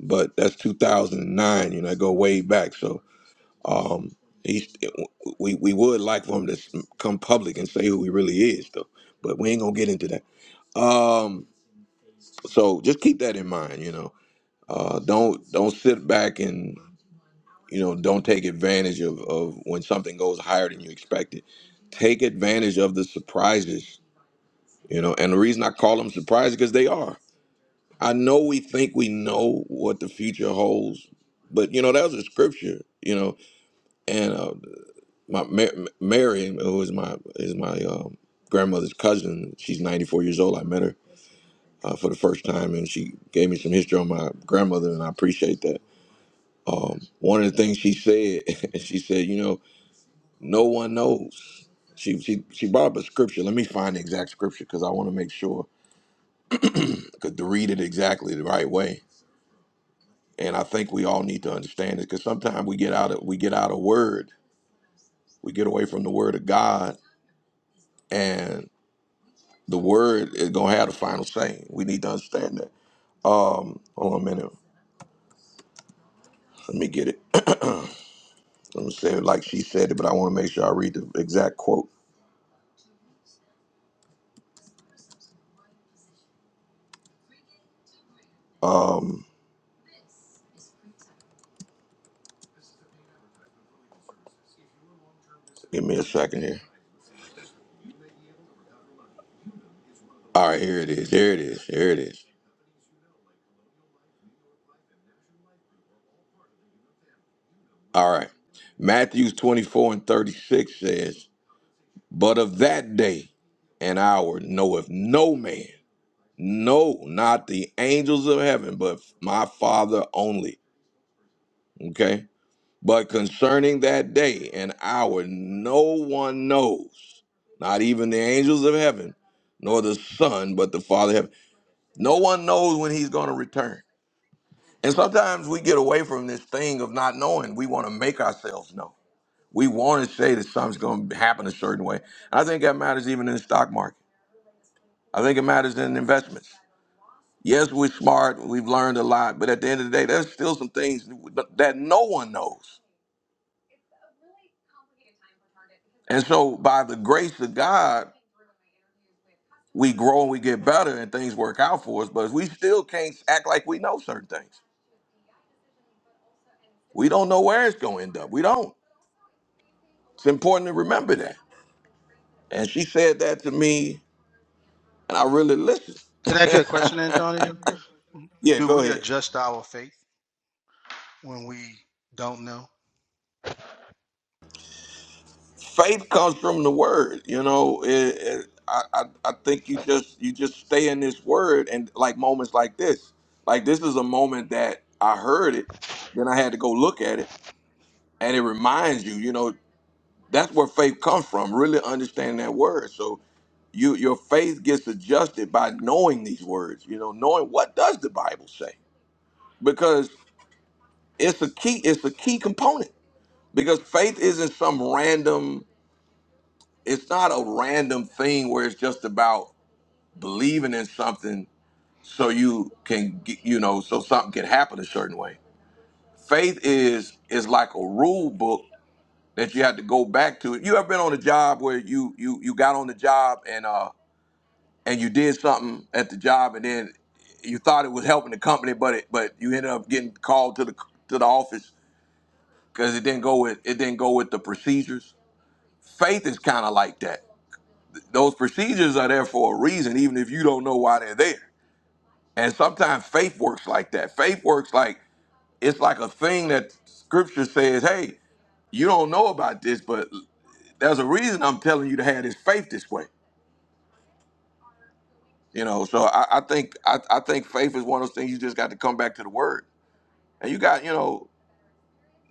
but that's two thousand and nine, you know, I go way back. So um he's we we would like for him to come public and say who he really is though. But we ain't gonna get into that. Um so just keep that in mind, you know. Uh don't don't sit back and you know, don't take advantage of, of when something goes higher than you expected. Take advantage of the surprises, you know, and the reason I call them surprises because they are I know we think we know what the future holds, but you know that was a scripture, you know. And uh, my Ma- Mary, who is my is my um, grandmother's cousin, she's 94 years old. I met her uh, for the first time, and she gave me some history on my grandmother, and I appreciate that. Um, one of the things she said, (laughs) she said, you know, no one knows. She, she she brought up a scripture. Let me find the exact scripture because I want to make sure could to read it exactly the right way and I think we all need to understand this because sometimes we get out of we get out of word, we get away from the word of God, and the word is gonna have the final say. We need to understand that. Um, hold on a minute, let me get it. (clears throat) let me say it like she said it, but I want to make sure I read the exact quote. Um, give me a second here. All right, here it is. Here it is. Here it is. All right. Matthew 24 and 36 says, But of that day and hour knoweth no man No, not the angels of heaven, but my Father only. Okay? But concerning that day and hour, no one knows, not even the angels of heaven, nor the Son, but the Father of heaven. No one knows when He's going to return. And sometimes we get away from this thing of not knowing. We want to make ourselves know. We want to say that something's going to happen a certain way. I think that matters even in the stock market. I think it matters in investments. Yes, we're smart. We've learned a lot. But at the end of the day, there's still some things that no one knows. And so, by the grace of God, we grow and we get better and things work out for us. But we still can't act like we know certain things. We don't know where it's going to end up. We don't. It's important to remember that. And she said that to me, and I really listened.
Can I ask you a question, Antonio?
(laughs) yeah,
Do
go
we
ahead.
adjust our faith when we don't know?
faith comes from the word you know it, it, I, I i think you just you just stay in this word and like moments like this like this is a moment that i heard it then i had to go look at it and it reminds you you know that's where faith comes from really understanding that word so you your faith gets adjusted by knowing these words you know knowing what does the bible say because it's a key it's a key component because faith isn't some random it's not a random thing where it's just about believing in something so you can get, you know so something can happen a certain way faith is is like a rule book that you have to go back to you ever been on a job where you you you got on the job and uh and you did something at the job and then you thought it was helping the company but it but you ended up getting called to the to the office because it didn't go with it didn't go with the procedures faith is kind of like that Those procedures are there for a reason, even if you don't know why they're there. And sometimes faith works like that. Faith works like it's like a thing that scripture says, hey, you don't know about this, but there's a reason I'm telling you to have this faith this way. You know, so I, I think I, I think faith is one of those things you just got to come back to the word. And you got, you know,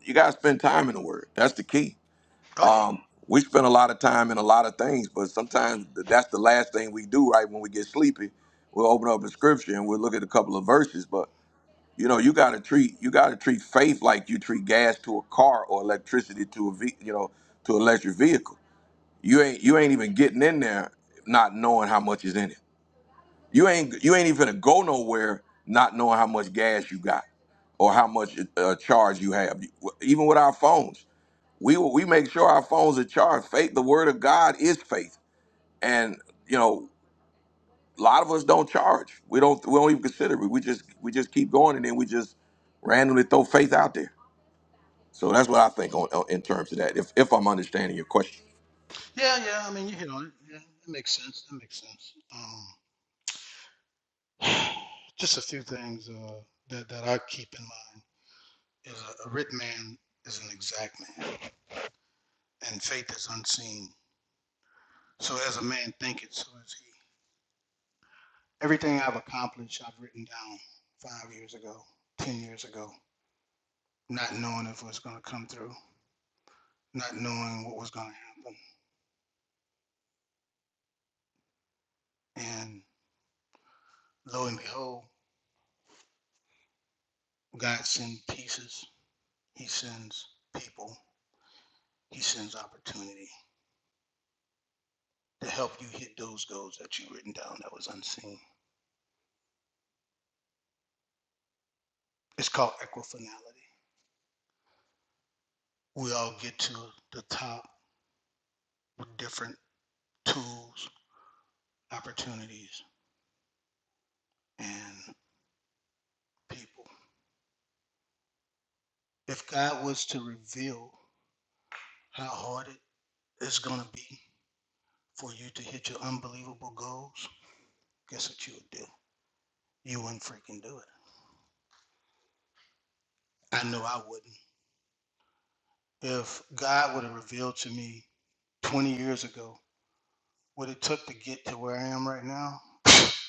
you gotta spend time in the word. That's the key.
Oh yeah.
Um, we spend a lot of time in a lot of things, but sometimes th- that's the last thing we do, right? When we get sleepy, we'll open up a scripture and we'll look at a couple of verses. But you know, you gotta treat you gotta treat faith like you treat gas to a car or electricity to a ve- you know to an electric vehicle. You ain't you ain't even getting in there not knowing how much is in it. You ain't you ain't even gonna go nowhere not knowing how much gas you got or how much uh, charge you have. Even with our phones we we make sure our phones are charged. Faith, the word of God is faith, and you know a lot of us don't charge. We don't we don't even consider it. We just we just keep going, and then we just randomly throw faith out there. So that's what I think on, on in terms of that. If if I'm understanding your question,
Yeah, yeah. I mean, you hit on it. Yeah, that makes sense. That makes sense. Um, (sighs) just a few things uh, that that I keep in mind is a, a written man is an exact man, and faith is unseen. So as a man thinketh, so is he. everything I've accomplished, I've written down five years ago, 10 years ago, not knowing if it was going to come through, not knowing what was going to happen. And lo and behold, God sends pieces, He sends people, He sends opportunity to help you hit those goals that you've written down that was unseen. It's called equifinality. We all get to the top with different tools, opportunities, and people. If God was to reveal how hard it it's going to be for you to hit your unbelievable goals, guess what you would do? You wouldn't freaking do it. I know I wouldn't. If God would have revealed to me 20 years ago what it took to get to where I am right now, (sniffs) I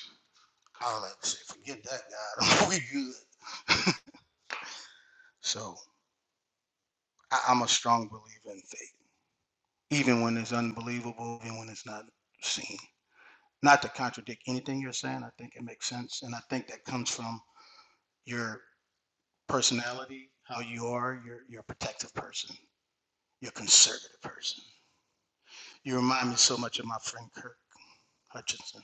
would like to say, forget that, God. (laughs) we good. (laughs) so I, I'm a strong believer in faith, even when it's unbelievable, even when it's not seen. Not to contradict anything you're saying, I think it makes sense. And I think that comes from your personality, how you are. You're you're a protective person. You're a conservative person. You remind me so much of my friend Kirk Hutchinson,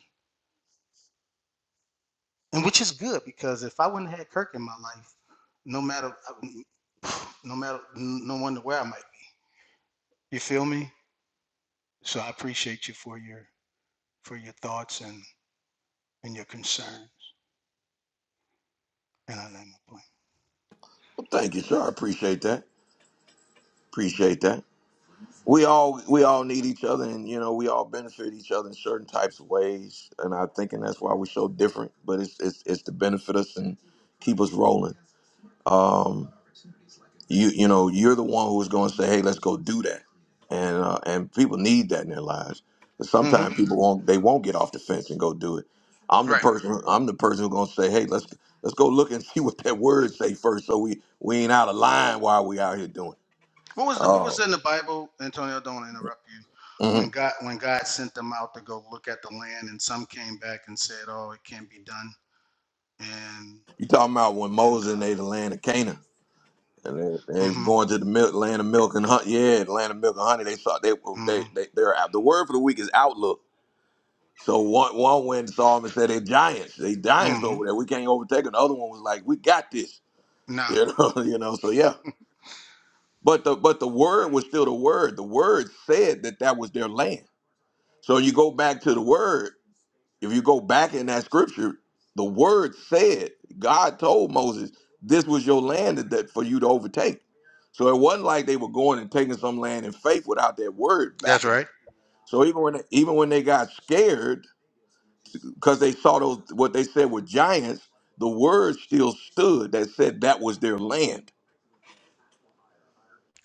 and which is good because if I wouldn't have had Kirk in my life, no matter no matter no wonder where I might be. You feel me? So I appreciate you for your for your thoughts and and your concerns, and I land my
well, thank you, sir. I appreciate that. Appreciate that. We all we all need each other, and you know we all benefit each other in certain types of ways. And I think, and that's why we're so different. But it's it's it's to benefit us and keep us rolling. Um. you you know you're the one who's going to say hey let's go do that and uh, and people need that in their lives 'Cause
plane.
sometimes
Mm-hmm.
people won't they won't get off the fence and go do it i'm the
Right.
person i'm the person who's going to say hey let's let's go look and (laughs) see what that word say first so we we ain't out of line while we out here doing
What was the, what was
oh
in the Bible, Antonio? Don't want to interrupt you. When
mhm.
God when God sent them out to go look at the land, and some came back and said, "Oh, it can't be done." And
you talking about when
and
moses and they the
uh,
land of canaan and they, they
mm-hmm,
going to the milk, land of milk and honey. Yeah, the land of milk and honey. They saw they they
mm-hmm,
they they're out. The word for the week is outlook So one one went and saw him and said, "They're giants. They giants over
mm-hmm.
there. We can't overtake." them." The other one was like, "We got this." (laughs)
Nah,
You know, you know. So yeah, but the but the word was still the word. The word said that that was their land. So you go back to the word. If you go back in that scripture, the word said God told Moses, "This was your land that that for you to overtake." So it wasn't like they were going and taking some land in faith without that word
that's
backing it.
right.
So even when even when they got scared because they saw those what they said were giants, the word still stood that said that was their land.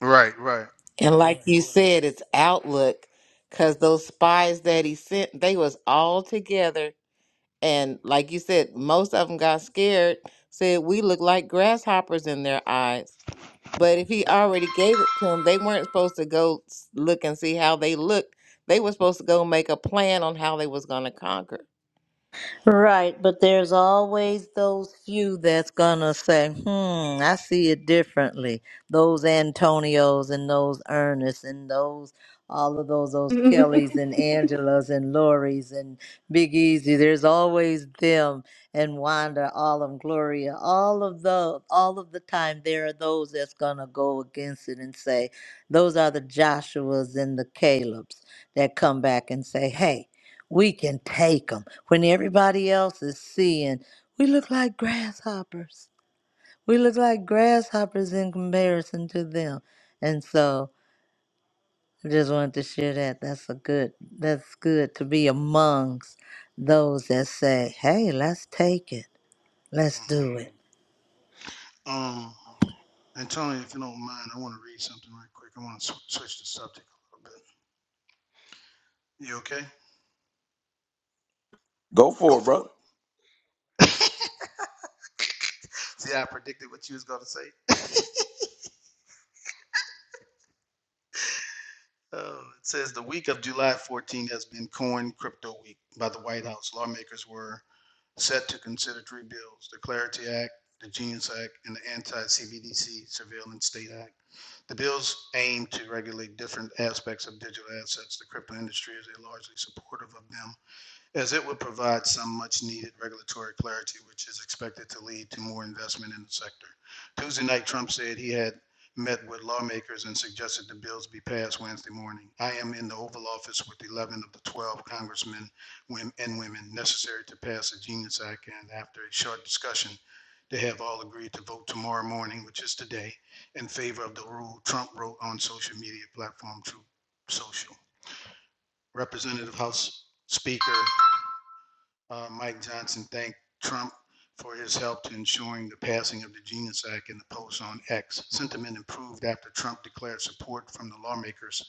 Right, right.
And like you said, it's Outlook because those spies that he sent, they was all together. And like you said, most of them got scared. Said we look like grasshoppers in their eyes. But if he already gave it to them, they weren't supposed to go s- look and see how they looked. They were supposed to go make a plan on how they was going to conquer.
Right, but there's always those few that's gonna say, hmm, I see it differently. Those Antonios and those Ernests and those, all of those, those Kellys and (laughs) Angelas and Lori's and Big Easy. There's always them and Wanda, all of 'em, Gloria, all of the, all of the time. There are those that's gonna go against it and say, those are the Joshuas and the Calebs that come back and say, hey. We can take them when everybody else is seeing we look like grasshoppers. We look like grasshoppers in comparison to them. And so I just wanted to share that. That's a good that's good to be amongst those that say, Hey, let's take it. Let's
hmm
do it.
Um, Antonio, if you don't mind, I want to read something right quick. I want to sw- switch the subject a little bit. You okay?
Go
Go
for it,
for
brother.
it. See, I predicted what you was gonna say. (laughs) Uh, it says the week of July 14 has been coined crypto week by the White House. Lawmakers were set to consider three bills the Clarity Act, the Genius Act, and the Anti CBDC Surveillance State Act. The bills aim to regulate different aspects of digital assets. The crypto industry is largely supportive of them as it would provide some much-needed regulatory clarity, which is expected to lead to more investment in the sector. Tuesday night, Trump said he had met with lawmakers and suggested the bills be passed Wednesday morning. I am in the Oval Office with 11 of the 12 congressmen wom- and women necessary to pass the Genius Act, and after a short discussion, they have all agreed to vote tomorrow morning, which is today, in favor of the rule Trump wrote on social media platform Truth Social. Representative House Speaker uh, Mike Johnson thanked Trump for his help to ensuring the passing of the Genius Act in the post on X. Sentiment improved after Trump declared support from the lawmakers,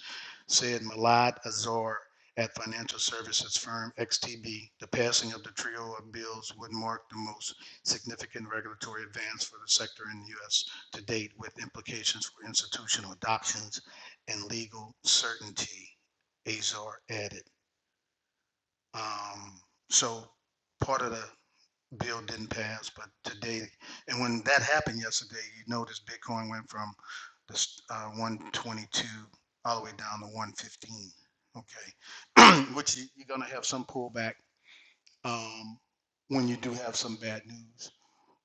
said Malad Azar at financial services firm XTB. The passing of the trio of bills would mark the most significant regulatory advance for the sector in the U.S. to date, with implications for institutional adoptions and legal certainty, Azar added. Um, So part of the bill didn't pass, but today, and when that happened yesterday, you notice Bitcoin went from this uh, 122 all the way down to 115. Okay, (clears throat) which you, you're gonna have some pullback um, when you do have some bad news.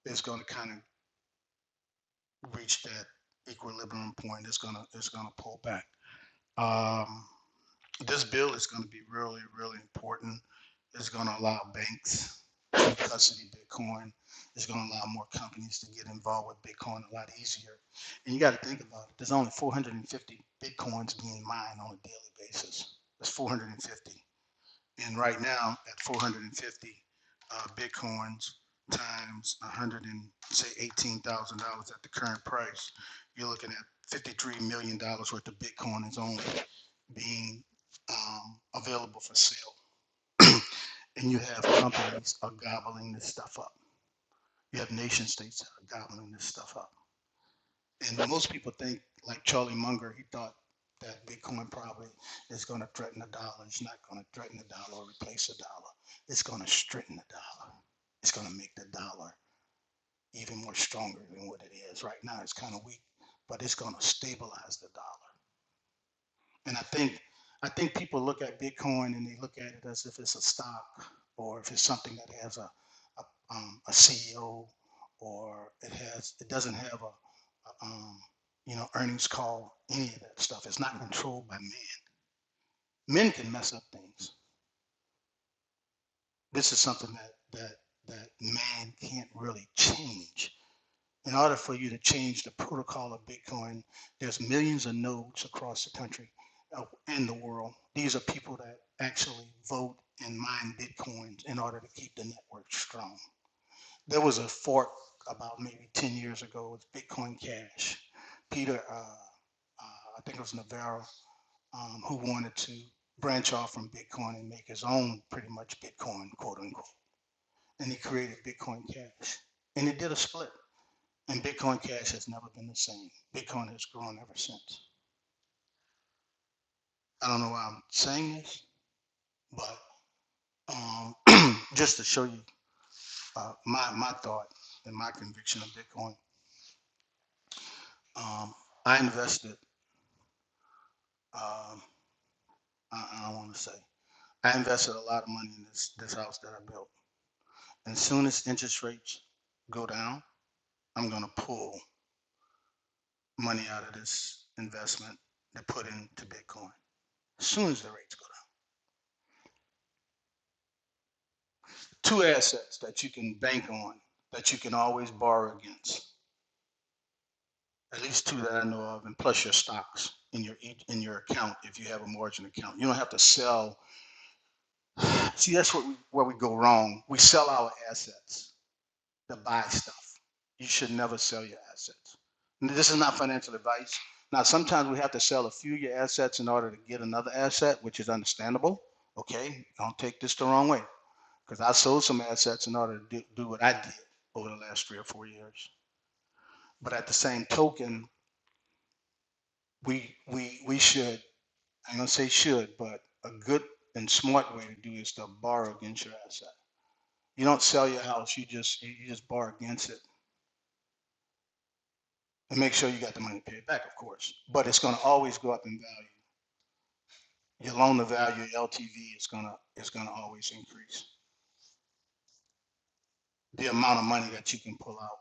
It's gonna kind of reach that equilibrium point. It's gonna it's gonna pull back. Um, this bill is going to be really, really important. It's going to allow banks to custody Bitcoin. It's going to allow more companies to get involved with Bitcoin a lot easier. And you got to think about it. There's only 450 Bitcoins being mined on a daily basis. That's 450. And right now, at 450 uh, Bitcoins times 100 and say $18,000 at the current price, you're looking at $53 million dollars worth of Bitcoin is owned being um, available for sale. (clears throat) and you have companies are gobbling this stuff up. You have nation states that are gobbling this stuff up. And most people think, like Charlie Munger, he thought that Bitcoin probably is going to threaten the dollar. It's not going to threaten the dollar or replace the dollar. It's going to strengthen the dollar. It's going to make the dollar even more stronger than what it is right now. It's kind of weak, but it's going to stabilize the dollar. And I think I think people look at Bitcoin and they look at it as if it's a stock or if it's something that has a a, um, a CEO or it has it doesn't have a, a um, you know earnings call any of that stuff. It's not controlled by man. Men can mess up things. This is something that that that man can't really change. in order for you to change the protocol of Bitcoin, there's millions of nodes across the country uh, and the world. These are people that actually vote and mine Bitcoins in order to keep the network strong. There was a fork about maybe 10 years ago with Bitcoin Cash. Peter, uh, uh, I think it was Navarro, um, who wanted to branch off from Bitcoin and make his own pretty much Bitcoin, quote unquote. And he created Bitcoin Cash. And it did a split and Bitcoin Cash has never been the same. Bitcoin has grown ever since. I don't know why I'm saying this, but um, (clears throat) just to show you uh, my my thought and my conviction of Bitcoin, um, I invested. Um, I, I don't want to say I invested a lot of money in this this house that I built. And as soon as interest rates go down, I'm gonna pull money out of this investment to put into Bitcoin. As soon as the rates go down. two assets that you can bank on that you can always borrow against at least two that i know of and plus your stocks in your in your account if you have a margin account you don't have to sell (sighs) see that's what we, where we go wrong we sell our assets to buy stuff you should never sell your assets And this is not financial advice now sometimes we have to sell a few of your assets in order to get another asset which is understandable okay don't take this the wrong way because I sold some assets in order to do, do what I did over the last three or four years. But at the same token, we we we should I'm gonna say should, but a good and smart way to do is to borrow against your asset. You don't sell your house; you just you, just borrow against it and make sure you got the money to pay it back, of course. But it's gonna always go up in value. Your loan to value, LTV, is gonna is gonna always increase. The amount of money that you can pull out.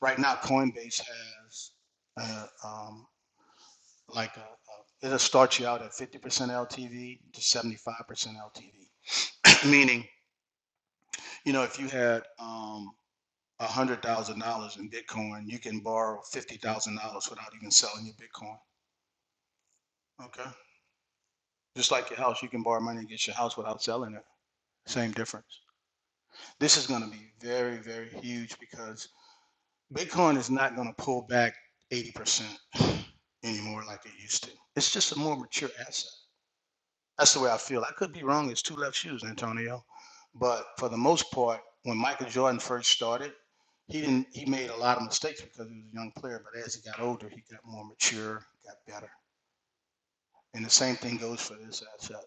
Right now, Coinbase has a. um, like uh uh it'll start you out at 50% LTV to 75% LTV. (clears throat) Meaning, you know, if you had um, $100,000 in Bitcoin, you can borrow $50,000 without even selling your Bitcoin. Okay. Just like your house, you can borrow money and get your house without selling it. Same difference. This is going to be very, very huge because Bitcoin is not going to pull back 80% anymore like it used to. It's just a more mature asset That's the way I feel. I could be wrong. It's two left shoes, Antonio. But for the most part, when Michael Jordan first started, he didn't. He made a lot of mistakes because he was a young player. But as he got older, he got more mature, got better. And the same thing goes for this asset.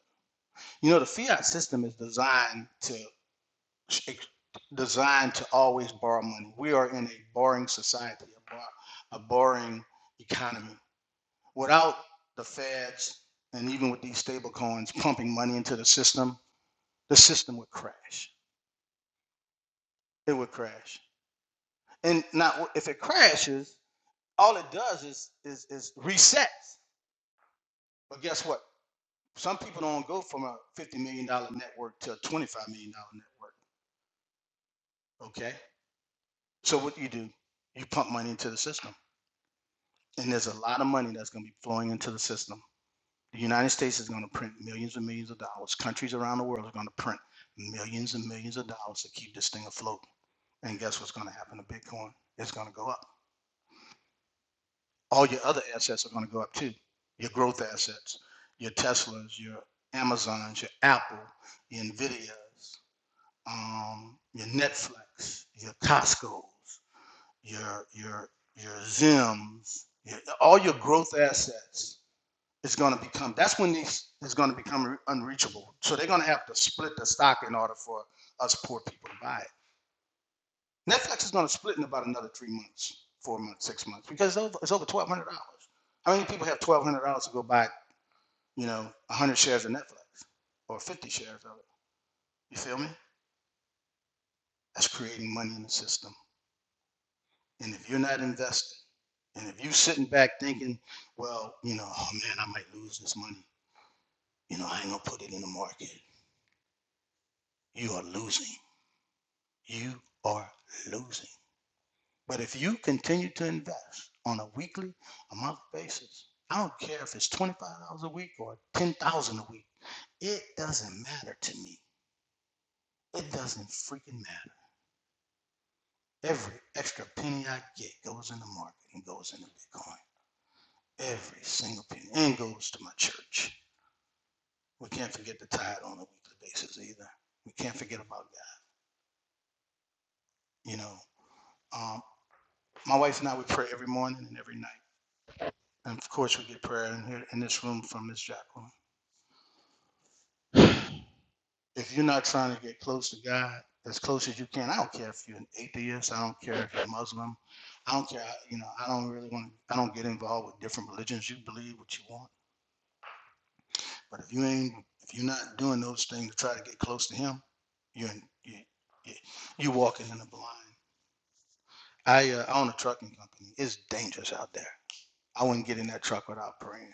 You know, the fiat system is designed to designed to always borrow money. We are in a borrowing society, a, bor- a borrowing economy. Without the Feds and even with these stable coins pumping money into the system, the system would crash. It would crash. And now, if it crashes, all it does is is, is resets. But guess what? Some people don't go from a fifty million dollar network to a twenty five million dollar network. Okay. So what do you do? You pump money into the system, and there's a lot of money that's going to be flowing into the system. The United States is going to print millions and millions of dollars. Countries around the world are going to print millions and millions of dollars to keep this thing afloat. And guess what's going to happen to Bitcoin? It's going to go up all your other assets are going to go up too. Your growth assets, your Teslas, your Amazons, your Apple, your Nvidias, um, your Netflix, your Costco's, your your your Zims, your, all your growth assets is going to become. That's when these is going to become unreachable. So they're going to have to split the stock in order for us poor people to buy it. Netflix is going to split in about another three months, four months, six months, because it's over, it's over twelve hundred dollars. How many people have twelve hundred dollars to go buy, you know, one hundred shares of Netflix or fifty shares of it? You feel me? That's creating money in the system. And if you're not investing, and if you're sitting back thinking, well, you know, oh man, I might lose this money. You know, I ain't gonna put it in the market. You are losing. You are losing. But if you continue to invest on a weekly, a monthly basis, I don't care if it's $25 a week or 10000 a week, it doesn't matter to me. It doesn't freaking matter. Every extra penny I get goes in the market and goes into Bitcoin. Every single penny. And goes to my church. We can't forget the tithe on a weekly basis either. We can't forget about God. You know, um, my wife and I, we pray every morning and every night. And of course, we get prayer in, here, in this room from Miss Jacqueline. if you're not trying to get close to God, as close as you can, I don't care if you're an atheist, I don't care if you're Muslim, I don't care, you know, I don't really want to, I don't get involved with different religions. You believe what you want. But if you ain't, if you're not doing those things to try to get close to Him, you're, you, you- are walking in the blind. I, uh, I own a trucking company. It's dangerous out there. I wouldn't get in that truck without praying.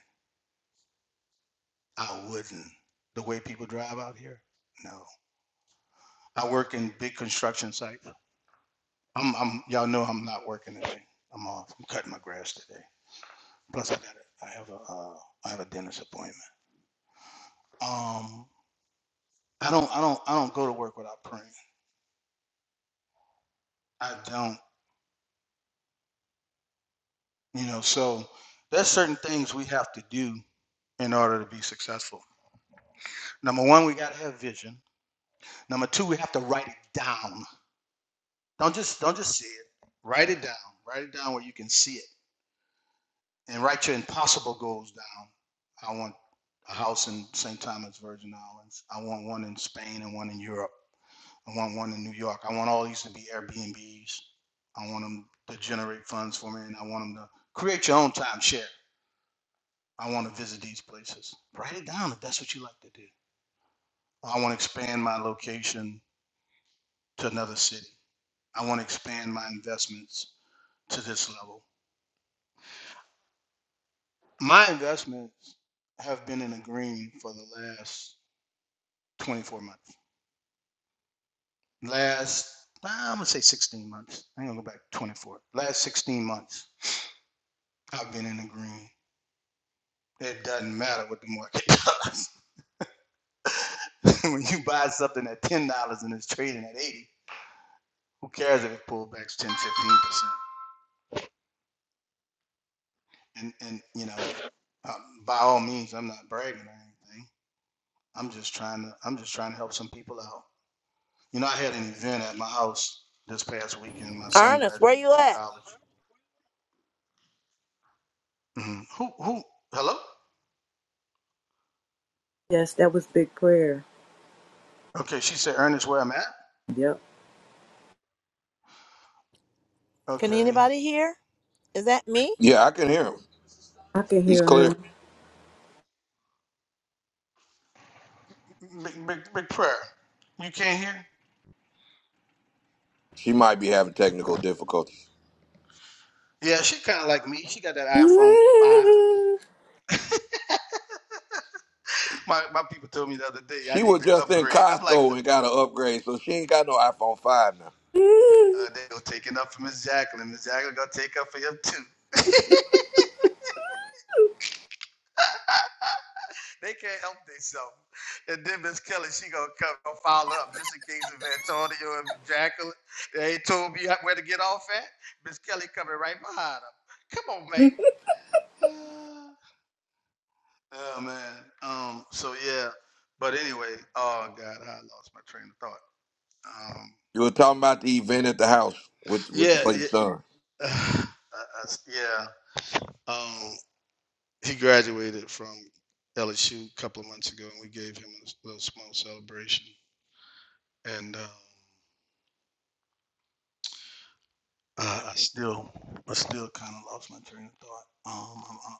I wouldn't. The way people drive out here, no. I work in big construction sites. I'm, I'm, y'all know I'm not working today. I'm off. I'm cutting my grass today. Plus, I got a, I have a, uh, I have a dentist appointment. Um, I don't, I don't, I don't go to work without praying. I don't, you know. So there's certain things we have to do in order to be successful. Number one, we gotta have vision. Number two, we have to write it down. Don't just, don't just see it. Write it down. Write it down where you can see it. and write your impossible goals down. I want a house in St. Thomas, Virgin Islands. I want one in Spain and one in Europe. I want one in New York. I want all these to be Airbnbs. I want them to generate funds for me, and I want them to create your own timeshare. I want to visit these places. Write it down if that's what you like to do. I want to expand my location to another city. I want to expand my investments to this level. My investments have been in the green for the last 24 months. last nah, I'm gonna say 16 months. I'm gonna go back to 24. Last 16 months, I've been in the green. It doesn't matter what the market does. (laughs) when you buy something at ten dollars and it's trading at 80, who cares if it pulled back 10, 15 percent? And and you know, uh, by all means, I'm not bragging or anything. I'm just trying to I'm just trying to help some people out. You know, I had an event at my house this past weekend. My son
Ernest, where
graduated
you
from
at?
college. hmm Who who? Hello?
Yes, that was big prayer.
Okay, she said, Ernest, where I'm at.
Yep.
Can
Okay.
anybody hear? Is that me?
Yeah, I can hear him.
I can
He's
hear
clear.
him.
Big, big, big prayer. You can't hear?
She might be having technical difficulties.
Yeah, she kind of like me. She got that iPhone
(laughs)
5. My, my people told me the other day I
She
need
was
to
just in
upgrade. I'm like,
Costco and got an upgrade, so she ain't got no iPhone 5 now.
uh, they going to take it up for Miss Jacqueline. Miss Jacqueline going to take up for him too. (laughs) they can't help themselves. And then Miss Kelly, she going to come and file up just in case of Antonio and Jacqueline. They ain't told me where to get off at. Miss Kelly coming right behind them. Come on, mate. (sighs) Yeah man. Um. So yeah. But anyway. Oh God, I lost my train of thought. Um.
You were talking about the event at the house with with your,
Yeah.
for your
Yeah.
son.
(sighs) I- I s- yeah. Um. He graduated from LSU a couple of months ago, and we gave him a little small celebration. And um, uh, I still, I still kind of lost my train of thought. Um. I'm, uh,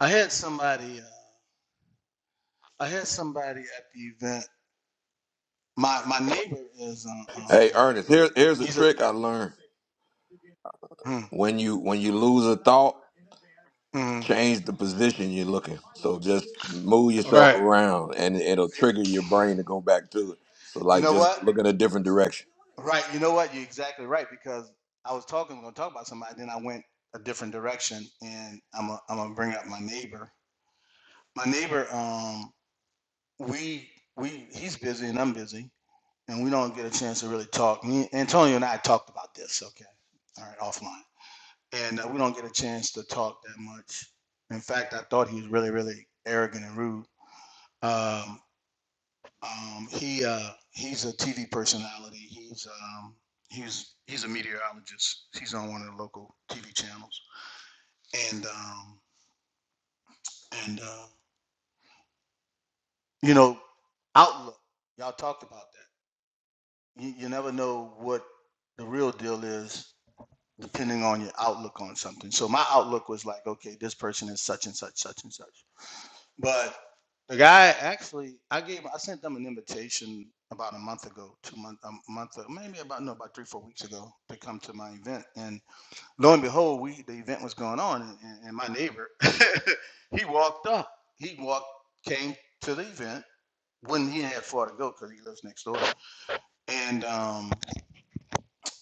I had somebody. Uh, I had somebody at the event. My my neighbor is uh,
Hey,
um.
Ernest, here, here's a
He's a.
trick I learned.
Mm,
When you when you lose a thought,
mm,
change the position you're looking. So just move
all
yourself
right
around, and it'll trigger your brain to go back to it. So
You
like
know
just
what?
look in a different direction.
Right. You know what? You're exactly right because I was talking, going to talk about somebody, then I went a different direction, and I'm i am i gonna bring up my neighbor. My neighbor, um, we we he's busy and I'm busy, and we don't get a chance to really talk. Me, Antonio and I talked about this. Okay, all right, offline, and uh, we don't get a chance to talk that much. In fact, I thought he was really really arrogant and rude. Um, Um, he uh, he's a TV personality. He's um, he's he's a meteorologist. He's on one of the local TV channels. And um, and uh, you know, outlook. Y'all talked about that. You, you never know what the real deal is depending on your outlook on something. So my outlook was like, okay, this person is such and such, such and such. But the guy actually, I gave, I sent them an invitation about a month ago, two month, a month, maybe about no, about three, four weeks ago to come to my event. And lo and behold, we the event was going on, and, and and my neighbor, (laughs) he walked up, he walked, came to the event when he had far to go because he lives next door, and um,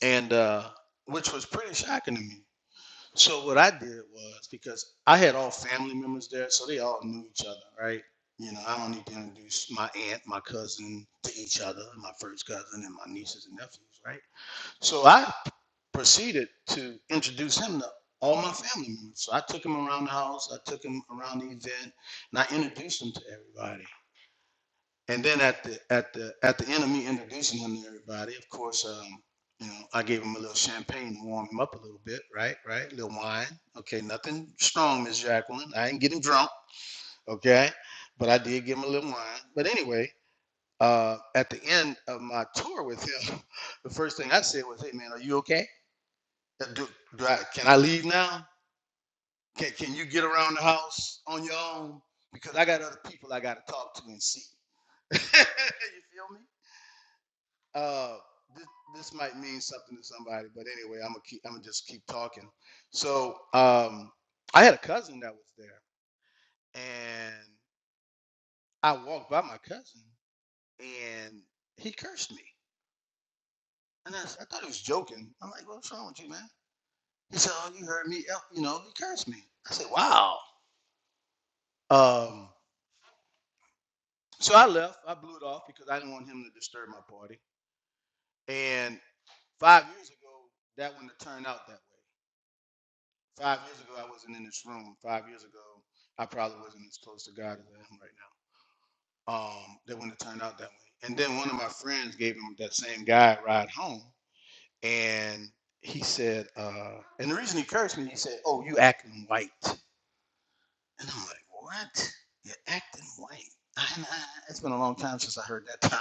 and uh, which was pretty shocking to me. So what I did was because I had all family members there, so they all knew each other, right? You know, I don't need to introduce my aunt, my cousin to each other, my first cousin and my nieces and nephews, right? So I proceeded to introduce him to all my family members. So I took him around the house, I took him around the event, and I introduced him to everybody. And then at the at the at the end of me introducing him to everybody, of course, um, you know, I gave him a little champagne to warm him up a little bit, right? Right, a little wine. Okay, nothing strong, Miss Jacqueline. I ain't getting drunk, okay? But I did give him a little wine. But anyway, uh, at the end of my tour with him, (laughs) the first thing I said was, "Hey, man, are you okay? Uh, Do, do I, can I leave now? Can Can you get around the house on your own? Because I got other people I got to talk to and see. (laughs) you feel me? Uh, this this might mean something to somebody, but anyway, I'm gonna keep I'm gonna just keep talking. So um, I had a cousin that was there, and I walked by my cousin, and he cursed me, and I, s- I thought he was joking. I'm like, what's wrong with you, man? He said, oh, you heard me, el- you know, he cursed me. I said, wow. Um, so I left. I blew it off because I didn't want him to disturb my party. And five years ago, that wouldn't have turned out that way. Five years ago, I wasn't in this room. Five years ago, I probably wasn't as close to God as I am right now. Um, that wouldn't have turned out that way. And then one of my friends gave him that same guy a ride home, and he said, uh, and the reason he cursed me, he said, "Oh, you acting white," and I'm like, "What? You're acting white?" (laughs) And I, it's been a long time since I heard that term.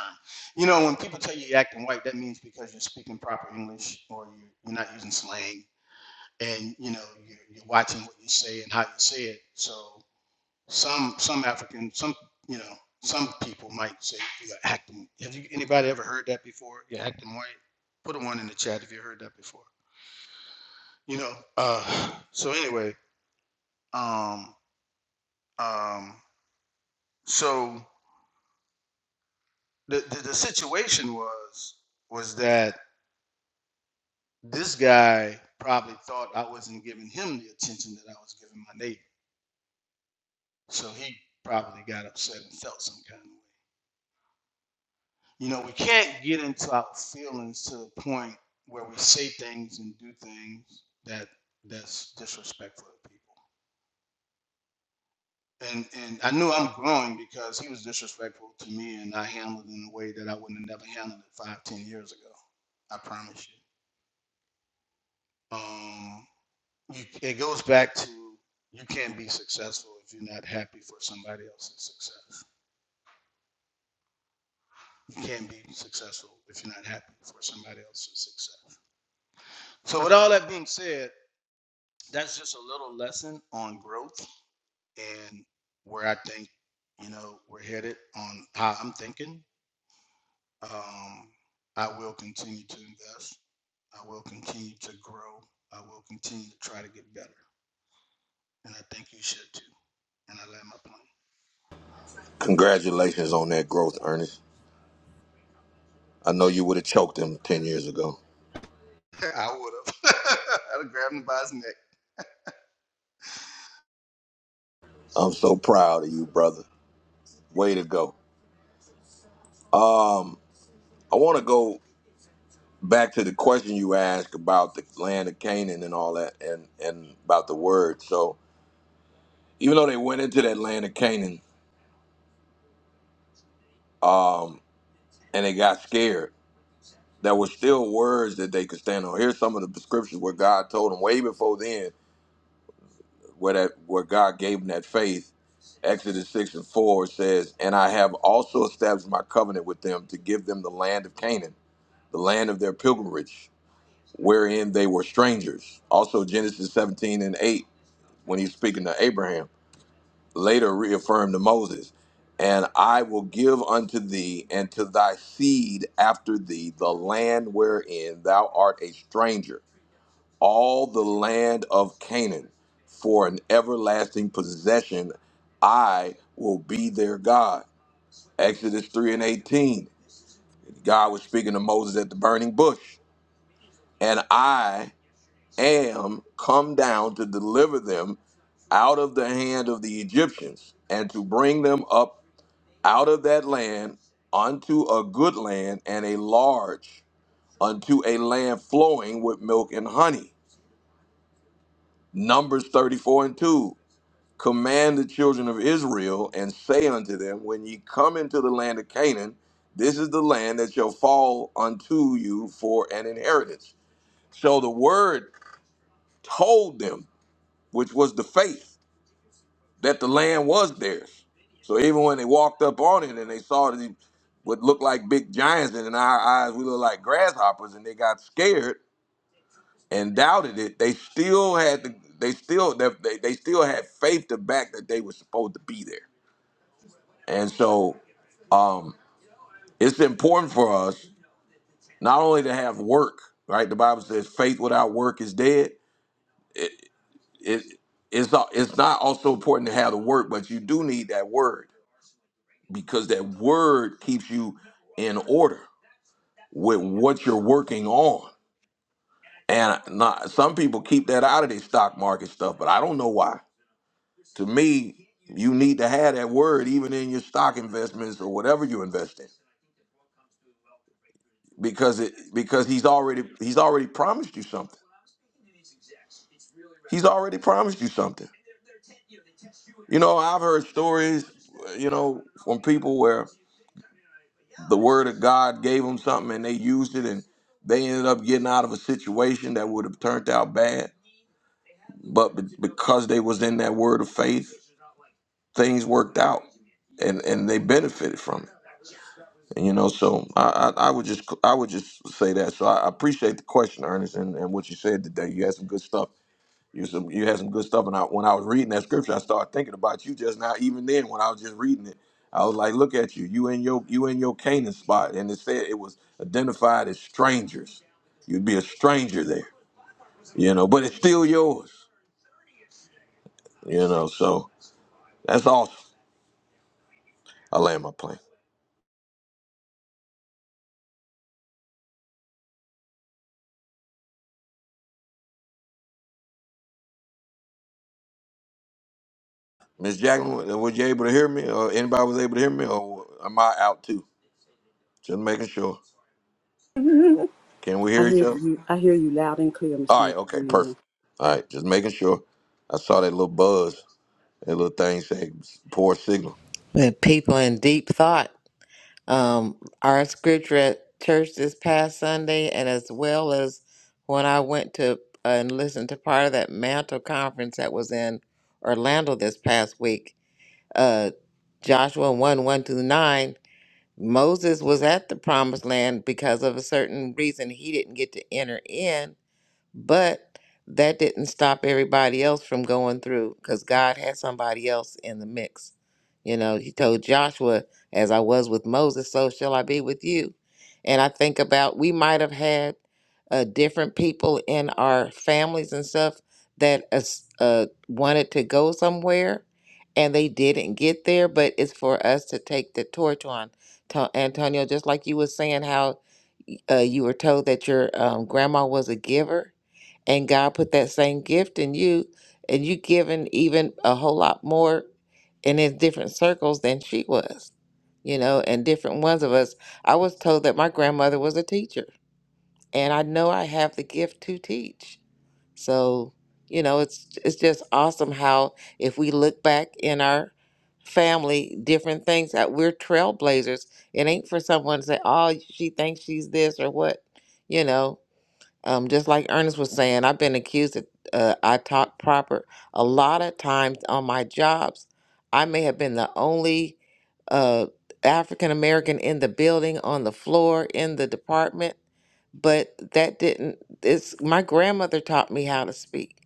You know, when people tell you you're acting white, that means because you're speaking proper English or you, you're not using slang and you know you're, you're watching what you say and how you say it. So some some African some you know some people might say you're acting. Have you anybody ever heard that before? You're acting white. Put a one in the chat if you heard that before. You know. Uh, so anyway, um, um, so the, the the situation was was that this guy probably thought I wasn't giving him the attention that I was giving my neighbor. So he probably got upset and felt some kind of way. You know, we can't get into our feelings to the point where we say things and do things that that's disrespectful to people. And and I knew I'm growing because he was disrespectful to me, and I handled it in a way that I wouldn't have never handled it five, ten years ago. I promise you. Um, you it goes back to you can't be successful if you're not happy for somebody else's success. You can't be successful if you're not happy for somebody else's success. So with all that being said, that's just a little lesson on growth and where I think you know we're headed on how I'm thinking. Um, I will continue to invest. I will continue to grow. I will continue to try to get better, and I think you should too. And I land my
Congratulations on that growth, Ernest. I know you would have choked him ten years ago.
plane. (laughs) I would have. (laughs) I'd have grabbed him by his neck.
I'm so proud of you, brother. Way to go. Um, I want to go back to the question you asked about the land of Canaan and all that, and and about the word. So even though they went into that land of Canaan, um, and they got scared There were still words that they could stand on. Here's some of the scriptures where God told them way before then, where that where God gave them that faith. Exodus six and four says, "And I have also established my covenant with them to give them the land of Canaan, the land of their pilgrimage, wherein they were strangers." Also Genesis seventeen and eight, when he's speaking to Abraham, later reaffirmed to Moses, "And I will give unto thee and to thy seed after thee the land wherein thou art a stranger." all the land of Canaan for an everlasting possession. I will be their God. Exodus 3 and 18. God was speaking to Moses at the burning bush. And I am come down to deliver them out of the hand of the Egyptians and to bring them up out of that land unto a good land and a large, unto a land flowing with milk and honey. Numbers 34 and 2. command the children of Israel and say unto them, When ye come into the land of Canaan, this is the land that shall fall unto you for an inheritance. So the word told them, which was the faith, that the land was theirs. So even when they walked up on it and they saw that it would look like big giants, and in our eyes we look like grasshoppers, and they got scared and doubted it, they still had the, they still they, they they still had faith to back that they were supposed to be there. And so um, it's important for us not only to have work, right? The Bible says faith without work is dead. It, it, it's, not, it's not also important to have the work, but you do need that word because that word keeps you in order with what you're working on. And not, some people keep that out of their stock market stuff, but I don't know why. To me, you need to have that word even in your stock investments or whatever you invest in because it because he's already he's already promised you something. He's already promised you something. You know, I've heard stories, you know, from people where the word of God gave them something and they used it and they ended up getting out of a situation that would have turned out bad, but be- because they was in that word of faith, things worked out and and they benefited from it. And, you know, so I, I I would just I would just say that. So I I appreciate the question, Ernest, and, and what you said today. You had some good stuff You some, you had some good stuff, and I, when I was reading that scripture, I started thinking about you just now. Even then, when I was just reading it, I was like, "Look at you! You in your you in your Canaan spot," and it said it was identified as strangers. You'd be a stranger there, you know, but it's still yours, you know. So that's awesome. I land my plane. Miss Jackman, wa- was you able to hear me, or anybody was able to hear me, or am I out too? Just making sure. Can we
I
hear each
hear
other?
you. I hear you loud and clear,
All
Mr.
right. Okay. Perfect.
Antonio.
All right. Just making sure. I saw that little buzz. That little thing say poor signal.
With people in deep thought, um, our scripture at church this past Sunday, and as well as when I went to uh, and listened to part of that mantle conference that was in Orlando this past week, uh, Joshua 1 1 through 9, Moses was at the promised land because of a certain reason he didn't get to enter in But that didn't stop everybody else from going through because God had somebody else in the mix. You know, he told Joshua, as I was with Moses, so shall I be with you. And I think about we might have had uh, different people in our families and stuff that us- uh, wanted to go somewhere and they didn't get there, but it's for us to take the torch on. To- Antonio, just like you were saying how uh, you were told that your um, grandma was a giver and God put that same gift in you, and you given even a whole lot more in his different circles than she was, you know, and different ones of us. I was told that my grandmother was a teacher, and I know I have the gift to teach. So, you know, it's it's just awesome how if we look back in our family, different things that we're trailblazers. It ain't for someone to say, "Oh, she thinks she's this or what," you know. Um, just like Ernest was saying, I've been accused that uh, I talk proper. A lot of times on my jobs, I may have been the only uh, African American in the building, on the floor, in the department, but that didn't. It's my grandmother taught me how to speak,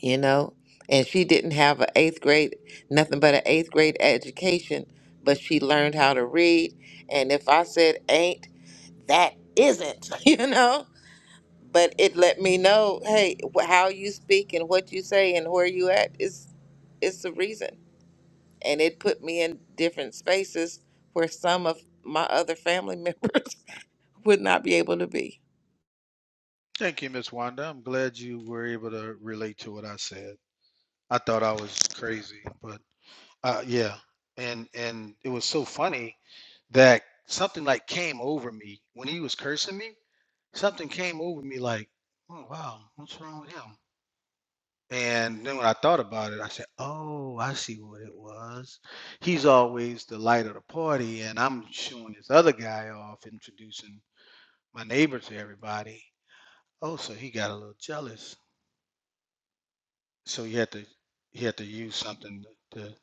you know, and she didn't have an eighth grade, nothing but an eighth grade education, but she learned how to read. And if I said ain't, that isn't, (laughs) you know but it let me know, hey, wh- how you speak and what you say and where you at is is the reason. And it put me in different spaces where some of my other family members (laughs) would not be able to be.
Thank you, Miss Wanda. I'm glad you were able to relate to what I said. I thought I was crazy, but Uh, yeah, and and it was so funny that something like came over me when he was cursing me. Something came over me like, oh wow, what's wrong with him? And then when I thought about it, I said, oh, I see what it was. He's always the light of the party, and I'm showing this other guy off, introducing my neighbor to everybody. Oh, so he got a little jealous. So he had to he had to use something to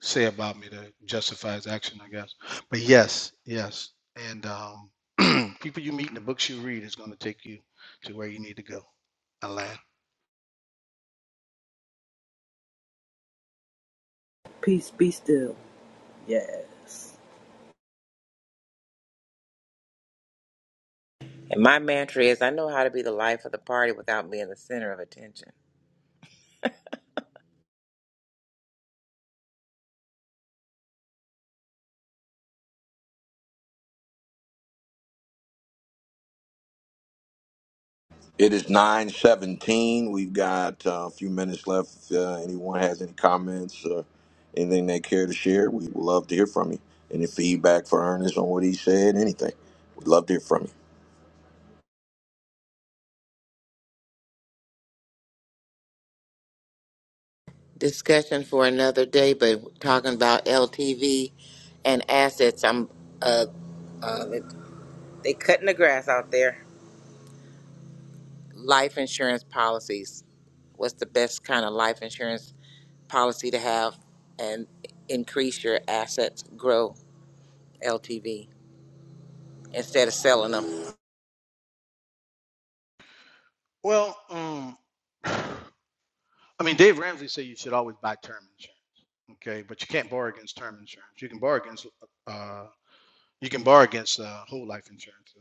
say about me to justify his action, I guess. But yes, yes. And um, (clears throat) people you meet and the books you read is going to take you to where you need to go. I land.
Peace be still. Yes.
And my mantra is I know how to be the life of the party without being the center of attention.
It is nine seventeen. We've got uh, a few minutes left. If uh, anyone has any comments or anything they care to share, we would love to hear from you. Any feedback for Ernest on what he said, anything, we'd love to hear from you.
Discussion for another day, but talking about LTV and assets, I'm uh, Oh, they, they cutting the grass out there. life insurance policies. What's the best kind of life insurance policy to have and increase your assets, grow LTV instead of selling them?
Well, um, (sighs) I mean, Dave Ramsey said you should always buy term insurance. Okay, but you can't borrow against term insurance. You can borrow against uh, you can borrow against uh, whole life insurance.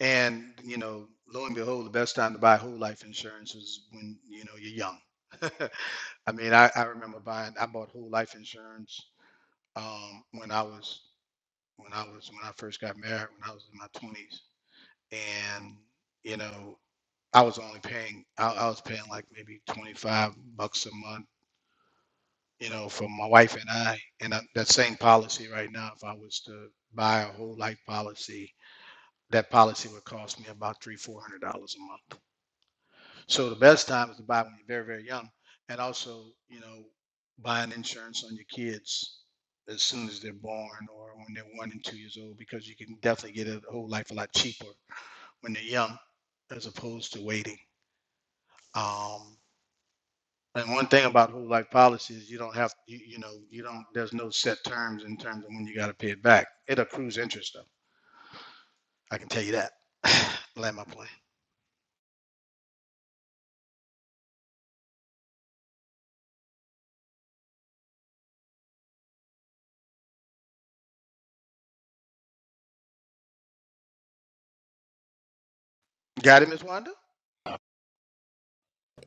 And you know, lo and behold, the best time to buy whole life insurance is when you know you're young. (laughs) I mean, I, I remember buying. I bought whole life insurance um, when I was when I was when I first got married when I was in my twenties, and you know, I was only paying I, I was paying like maybe twenty five bucks a month, you know, for my wife and I, and I, that same policy right now, if I was to buy a whole life policy, that policy would cost me about three four hundred dollars a month. So the best time is to buy when you're very, very young, and also, you know, buying insurance on your kids as soon as they're born or when they're one and two years old, because you can definitely get a whole life a lot cheaper when they're young, as opposed to waiting. Um, and one thing about whole life policy is you don't have you, you know you don't there's no set terms in terms of when you got to pay it back. It accrues interest though. I can tell you that. (sighs) Land my plane. Got it, Miss Wanda.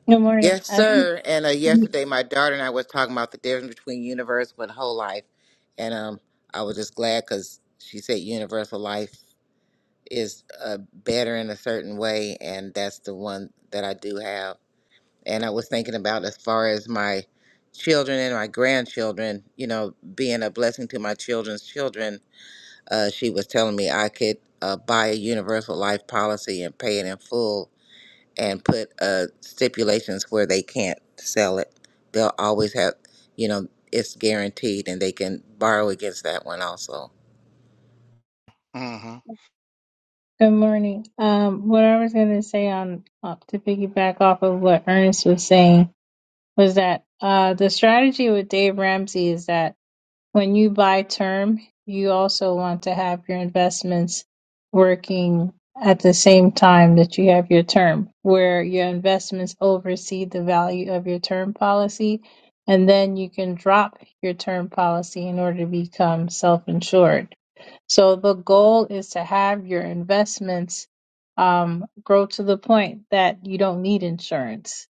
Good morning.
Yes,
I think,
sir. And uh, yesterday, my daughter and I was talking about the difference between universal and whole life, and um, I was just glad because she said universal life is uh, better in a certain way, and that's the one that I do have. and I was thinking about as far as my children and my grandchildren, you know, being a blessing to my children's children. Uh, she was telling me I could uh, buy a universal life policy and pay it in full and put uh, stipulations where they can't sell it. They'll always have, you know, it's guaranteed and they can borrow against that one also.
Mm-hmm.
good morning. Um, what I was going to say on uh, to piggyback off of what Ernest was saying was that uh, the strategy with Dave Ramsey is that when you buy term, you also want to have your investments working at the same time that you have your term, where your investments oversee the value of your term policy, and then you can drop your term policy in order to become self-insured So the goal is to have your investments um, grow to the point that you don't need insurance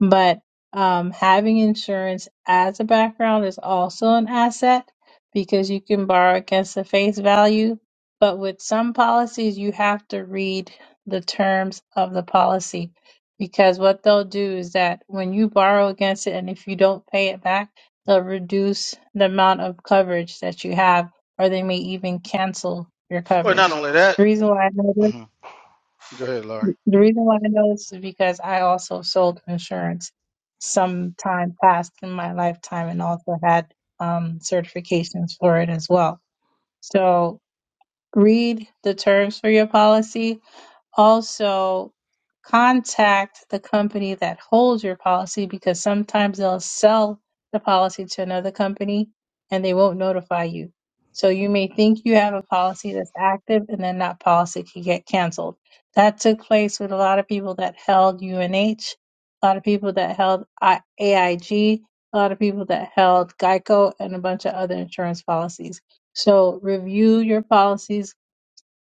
but um, having insurance as a background is also an asset because you can borrow against the face value. But with some policies, you have to read the terms of the policy because what they'll do is that when you borrow against it and if you don't pay it back, they'll reduce the amount of coverage that you have, or they may even cancel your
Well, not
coverage.
only that.
The reason why I know this
hmm Go ahead, Laura.
the reason why I know this is because I also sold insurance some time past in my lifetime and also had um, certifications for it as well. So read the terms for your policy also, contact the company that holds your policy because sometimes they'll sell the policy to another company and they won't notify you. So you may think you have a policy that's active and then that policy can get canceled. That took place with a lot of people that held UNH, a lot of people that held I- AIG, a lot of people that held Geico, and a bunch of other insurance policies. So review your policies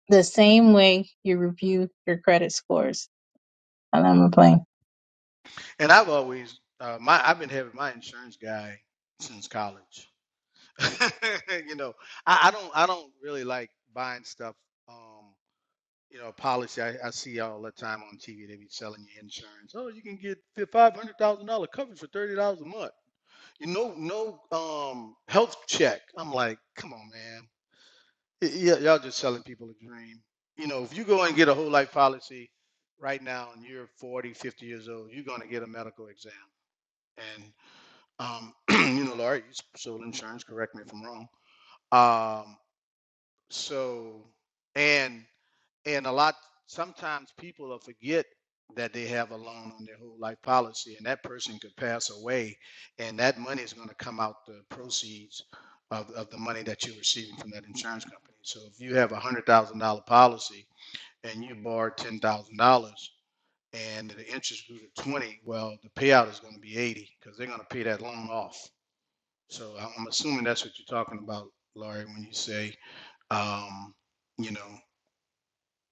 the same way you review your credit scores. And I'm playing.
And I've always uh, my I've been having my insurance guy since college. (laughs) you know, I, I don't I don't really like buying stuff. Um, you know, policy I, I see all the time on TV. They be selling you insurance. Oh, you can get five hundred thousand dollar coverage for thirty dollars a month. You know, no um health check. I'm like, come on, man. Y- y- y'all just selling people a dream. You know, if you go and get a whole life policy right now and you're forty, fifty years old, you're going to get a medical exam and um, (clears throat) you know, Laura, you sold insurance. Correct me if I'm wrong. Um, so, and and a lot sometimes people will forget that they have a loan on their whole life policy and that person could pass away and that money is going to come out the proceeds of, of the money that you're receiving from that insurance company so if you have a hundred thousand dollar policy and you borrowed ten thousand dollars and the interest grew to 20 well the payout is going to be 80 because they're going to pay that loan off so I- am assuming that's what you're talking about, Laurie, when you say, um, you know,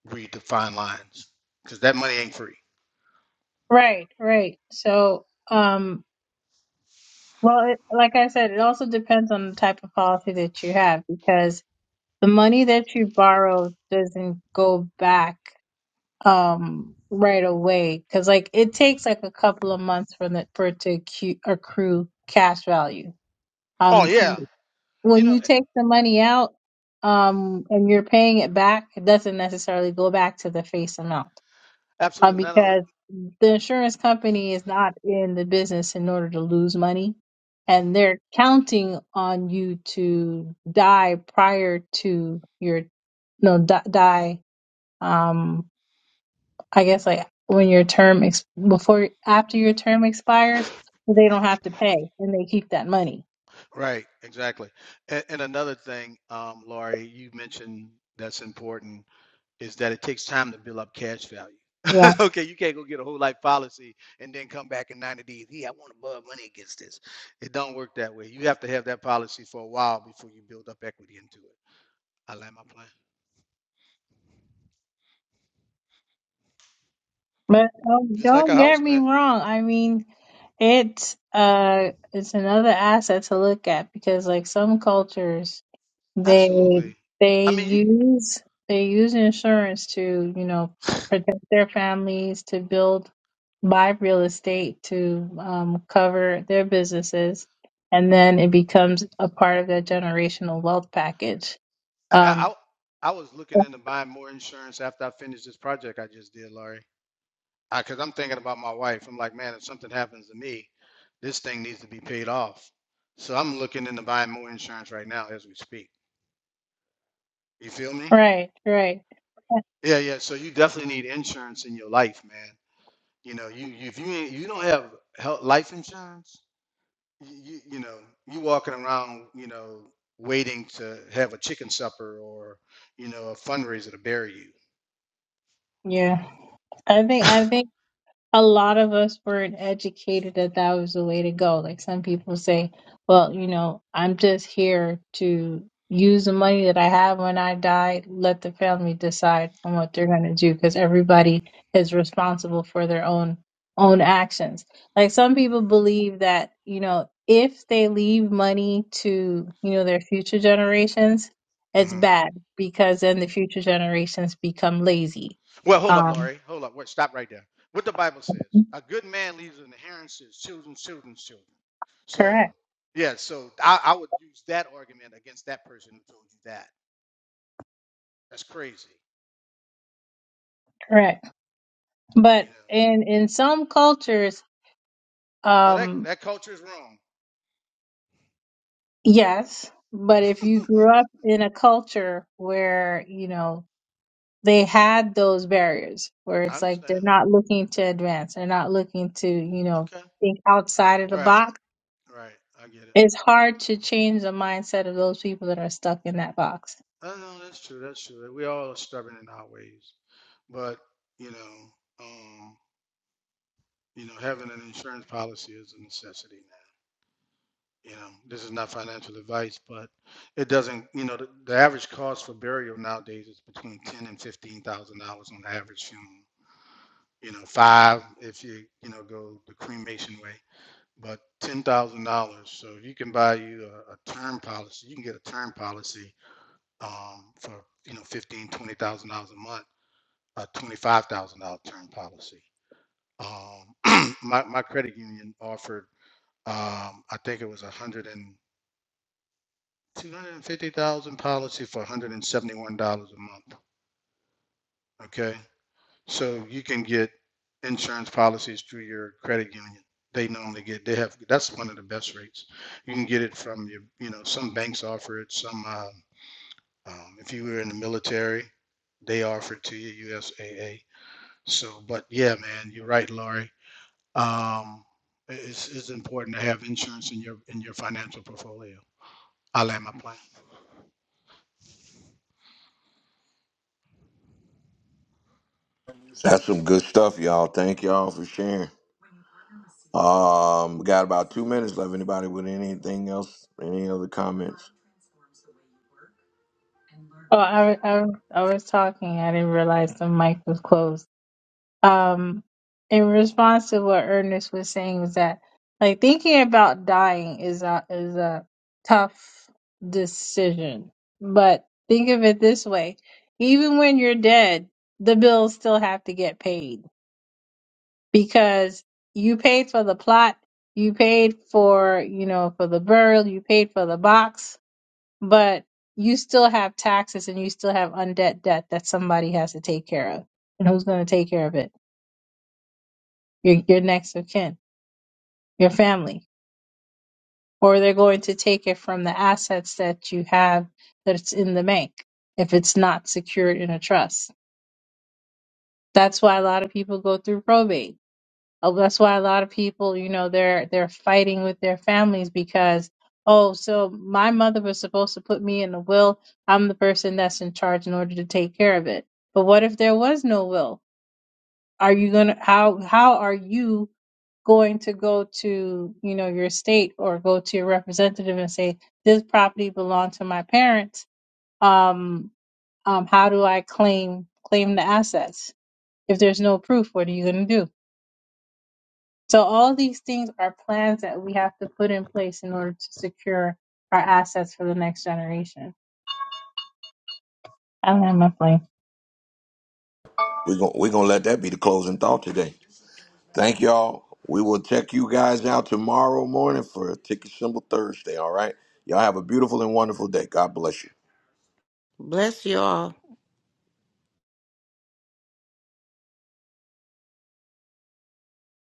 read the fine lines, because that money ain't free.
Right, right. So, um, well, it, like I said, it also depends on the type of policy that you have because the money that you borrow doesn't go back um right away because like it takes like a couple of months for the for it to accu- accrue cash value.
Oh
Um,
yeah, you
when
know,
you take the money out, um, and you're paying it back, it doesn't necessarily go back to the face amount Uh,
absolutely. Not all,
because the insurance company is not in the business in order to lose money, and they're counting on you to die prior to your no di- die. Um, I guess like when your term ex- before after your term expires, they don't have to pay and they keep that money.
right, exactly. And, and another thing, um, Laurie, you mentioned that's important is that it takes time to build up cash value.
Yeah,
(laughs) okay, you can't go get a whole life policy and then come back in 90 days. Yeah, I want to borrow money against this. It don't work that way. You have to have that policy for a while before you build up equity into it. I like my plan.
but don't,
Just like a
don't get
house,
me
man.
wrong. I mean, it's uh, it's another asset to look at because like some cultures They
Absolutely.
they
I mean, you,
use they use insurance to, you know, protect their families, to build, buy real estate, to um, cover their businesses, and then it becomes a part of their generational wealth package.
I, I,
Um,
I I was looking into buying more insurance after I finished this project I just did, Laurie. I, cause I'm thinking about my wife. I'm like, man, if something happens to me, this thing needs to be paid off. So I'm looking into buying more insurance right now as we speak. You feel me?
right, right,
Yeah, yeah. So you definitely need insurance in your life, man. You know, you, you if you ain't- you don't have health, life insurance, you, you know, you walking around, you know, waiting to have a chicken supper or, you know, a fundraiser to bury you.
yeah. I think I think. a lot of us weren't educated that that was the way to go. Like some people say, well, you know, I'm just here to use the money that I have when I die, let the family decide on what they're going to do because everybody is responsible for their own own actions. Like some people believe that, you know, if they leave money to, you know, their future generations, it's
hmm
bad because then the future generations become lazy.
Well, hold up,
Um
Laurie. Hold up. Wait, stop right there. What the Bible says: a good man leaves an inheritance to his children, children's children. So,
correct,
yeah. So I, I would use that argument against that person who told you that. That's crazy.
correct.
You
But
know.
in in some cultures,
Well, that
um,
that culture is wrong.
yes. But if you
(laughs)
grew up in a culture where, you know, they had those barriers where
I
it's like they're
understand.
not looking to advance, they're not looking to, you know,
Okay.
think outside of the
Right.
box,
Right. I get it.
it's hard to change the mindset of those people that are stuck in that box.
Uh, no, that's true. That's true. We all are stubborn in our ways, but you know, um, you know, having an insurance policy is a necessity now. You know, this is not financial advice, but it doesn't. You know, the, the average cost for burial nowadays is between ten and fifteen thousand dollars on the average funeral. You know, five if you you know go the cremation way, but ten thousand dollars. So if you can buy you a, a term policy, you can get a term policy um, for you know fifteen twenty thousand dollars a month a twenty-five thousand dollar term policy. Um, (clears throat) my my credit union offered, um, I think it was a hundred and two hundred and fifty thousand policy for one hundred and seventy-one dollars a month. Okay, so you can get insurance policies through your credit union. They normally get they have that's one of the best rates. You can get it from your you know some banks offer it. Some um, um, if you were in the military, they offer it to you USAA. So, but yeah, man, you're right, Laurie Um, it's, it's important to have insurance in your in your financial portfolio. I land my plane.
That's some good stuff, y'all. Thank y'all for sharing. Um, we got about two minutes left. Anybody with anything else? Any other comments?
Oh, I, I, I was talking. I didn't realize the mic was closed. um in response to what Ernest was saying was that like thinking about dying is a is a tough decision. But think of it this way. Even when you're dead, the bills still have to get paid because you paid for the plot, you paid for, you know, for the burial, you paid for the box, but you still have taxes and you still have undead debt that somebody has to take care of. And who's going to take care of it? your, your next of kin, your family, or they're going to take it from the assets that you have that's in the bank if it's not secured in a trust. That's why a lot of people go through probate. Uh, That's why a lot of people, you know, they're they're fighting with their families because oh, so my mother was supposed to put me in a will. I'm the person that's in charge in order to take care of it. But what if there was no will? Are you gonna how how are you going to go to you know your state or go to your representative and say this property belonged to my parents um, um how do i claim claim the assets if there's no proof what are you going to do so all these things are plans that we have to put in place in order to secure our assets for the next generation i don't have my plan.
We're gonna we're gonna let that be the closing thought today. Thank y'all. We will check you guys out tomorrow morning for Ticket Symbol Thursday, all right? Y'all have a beautiful and wonderful day. God bless you.
Bless y'all.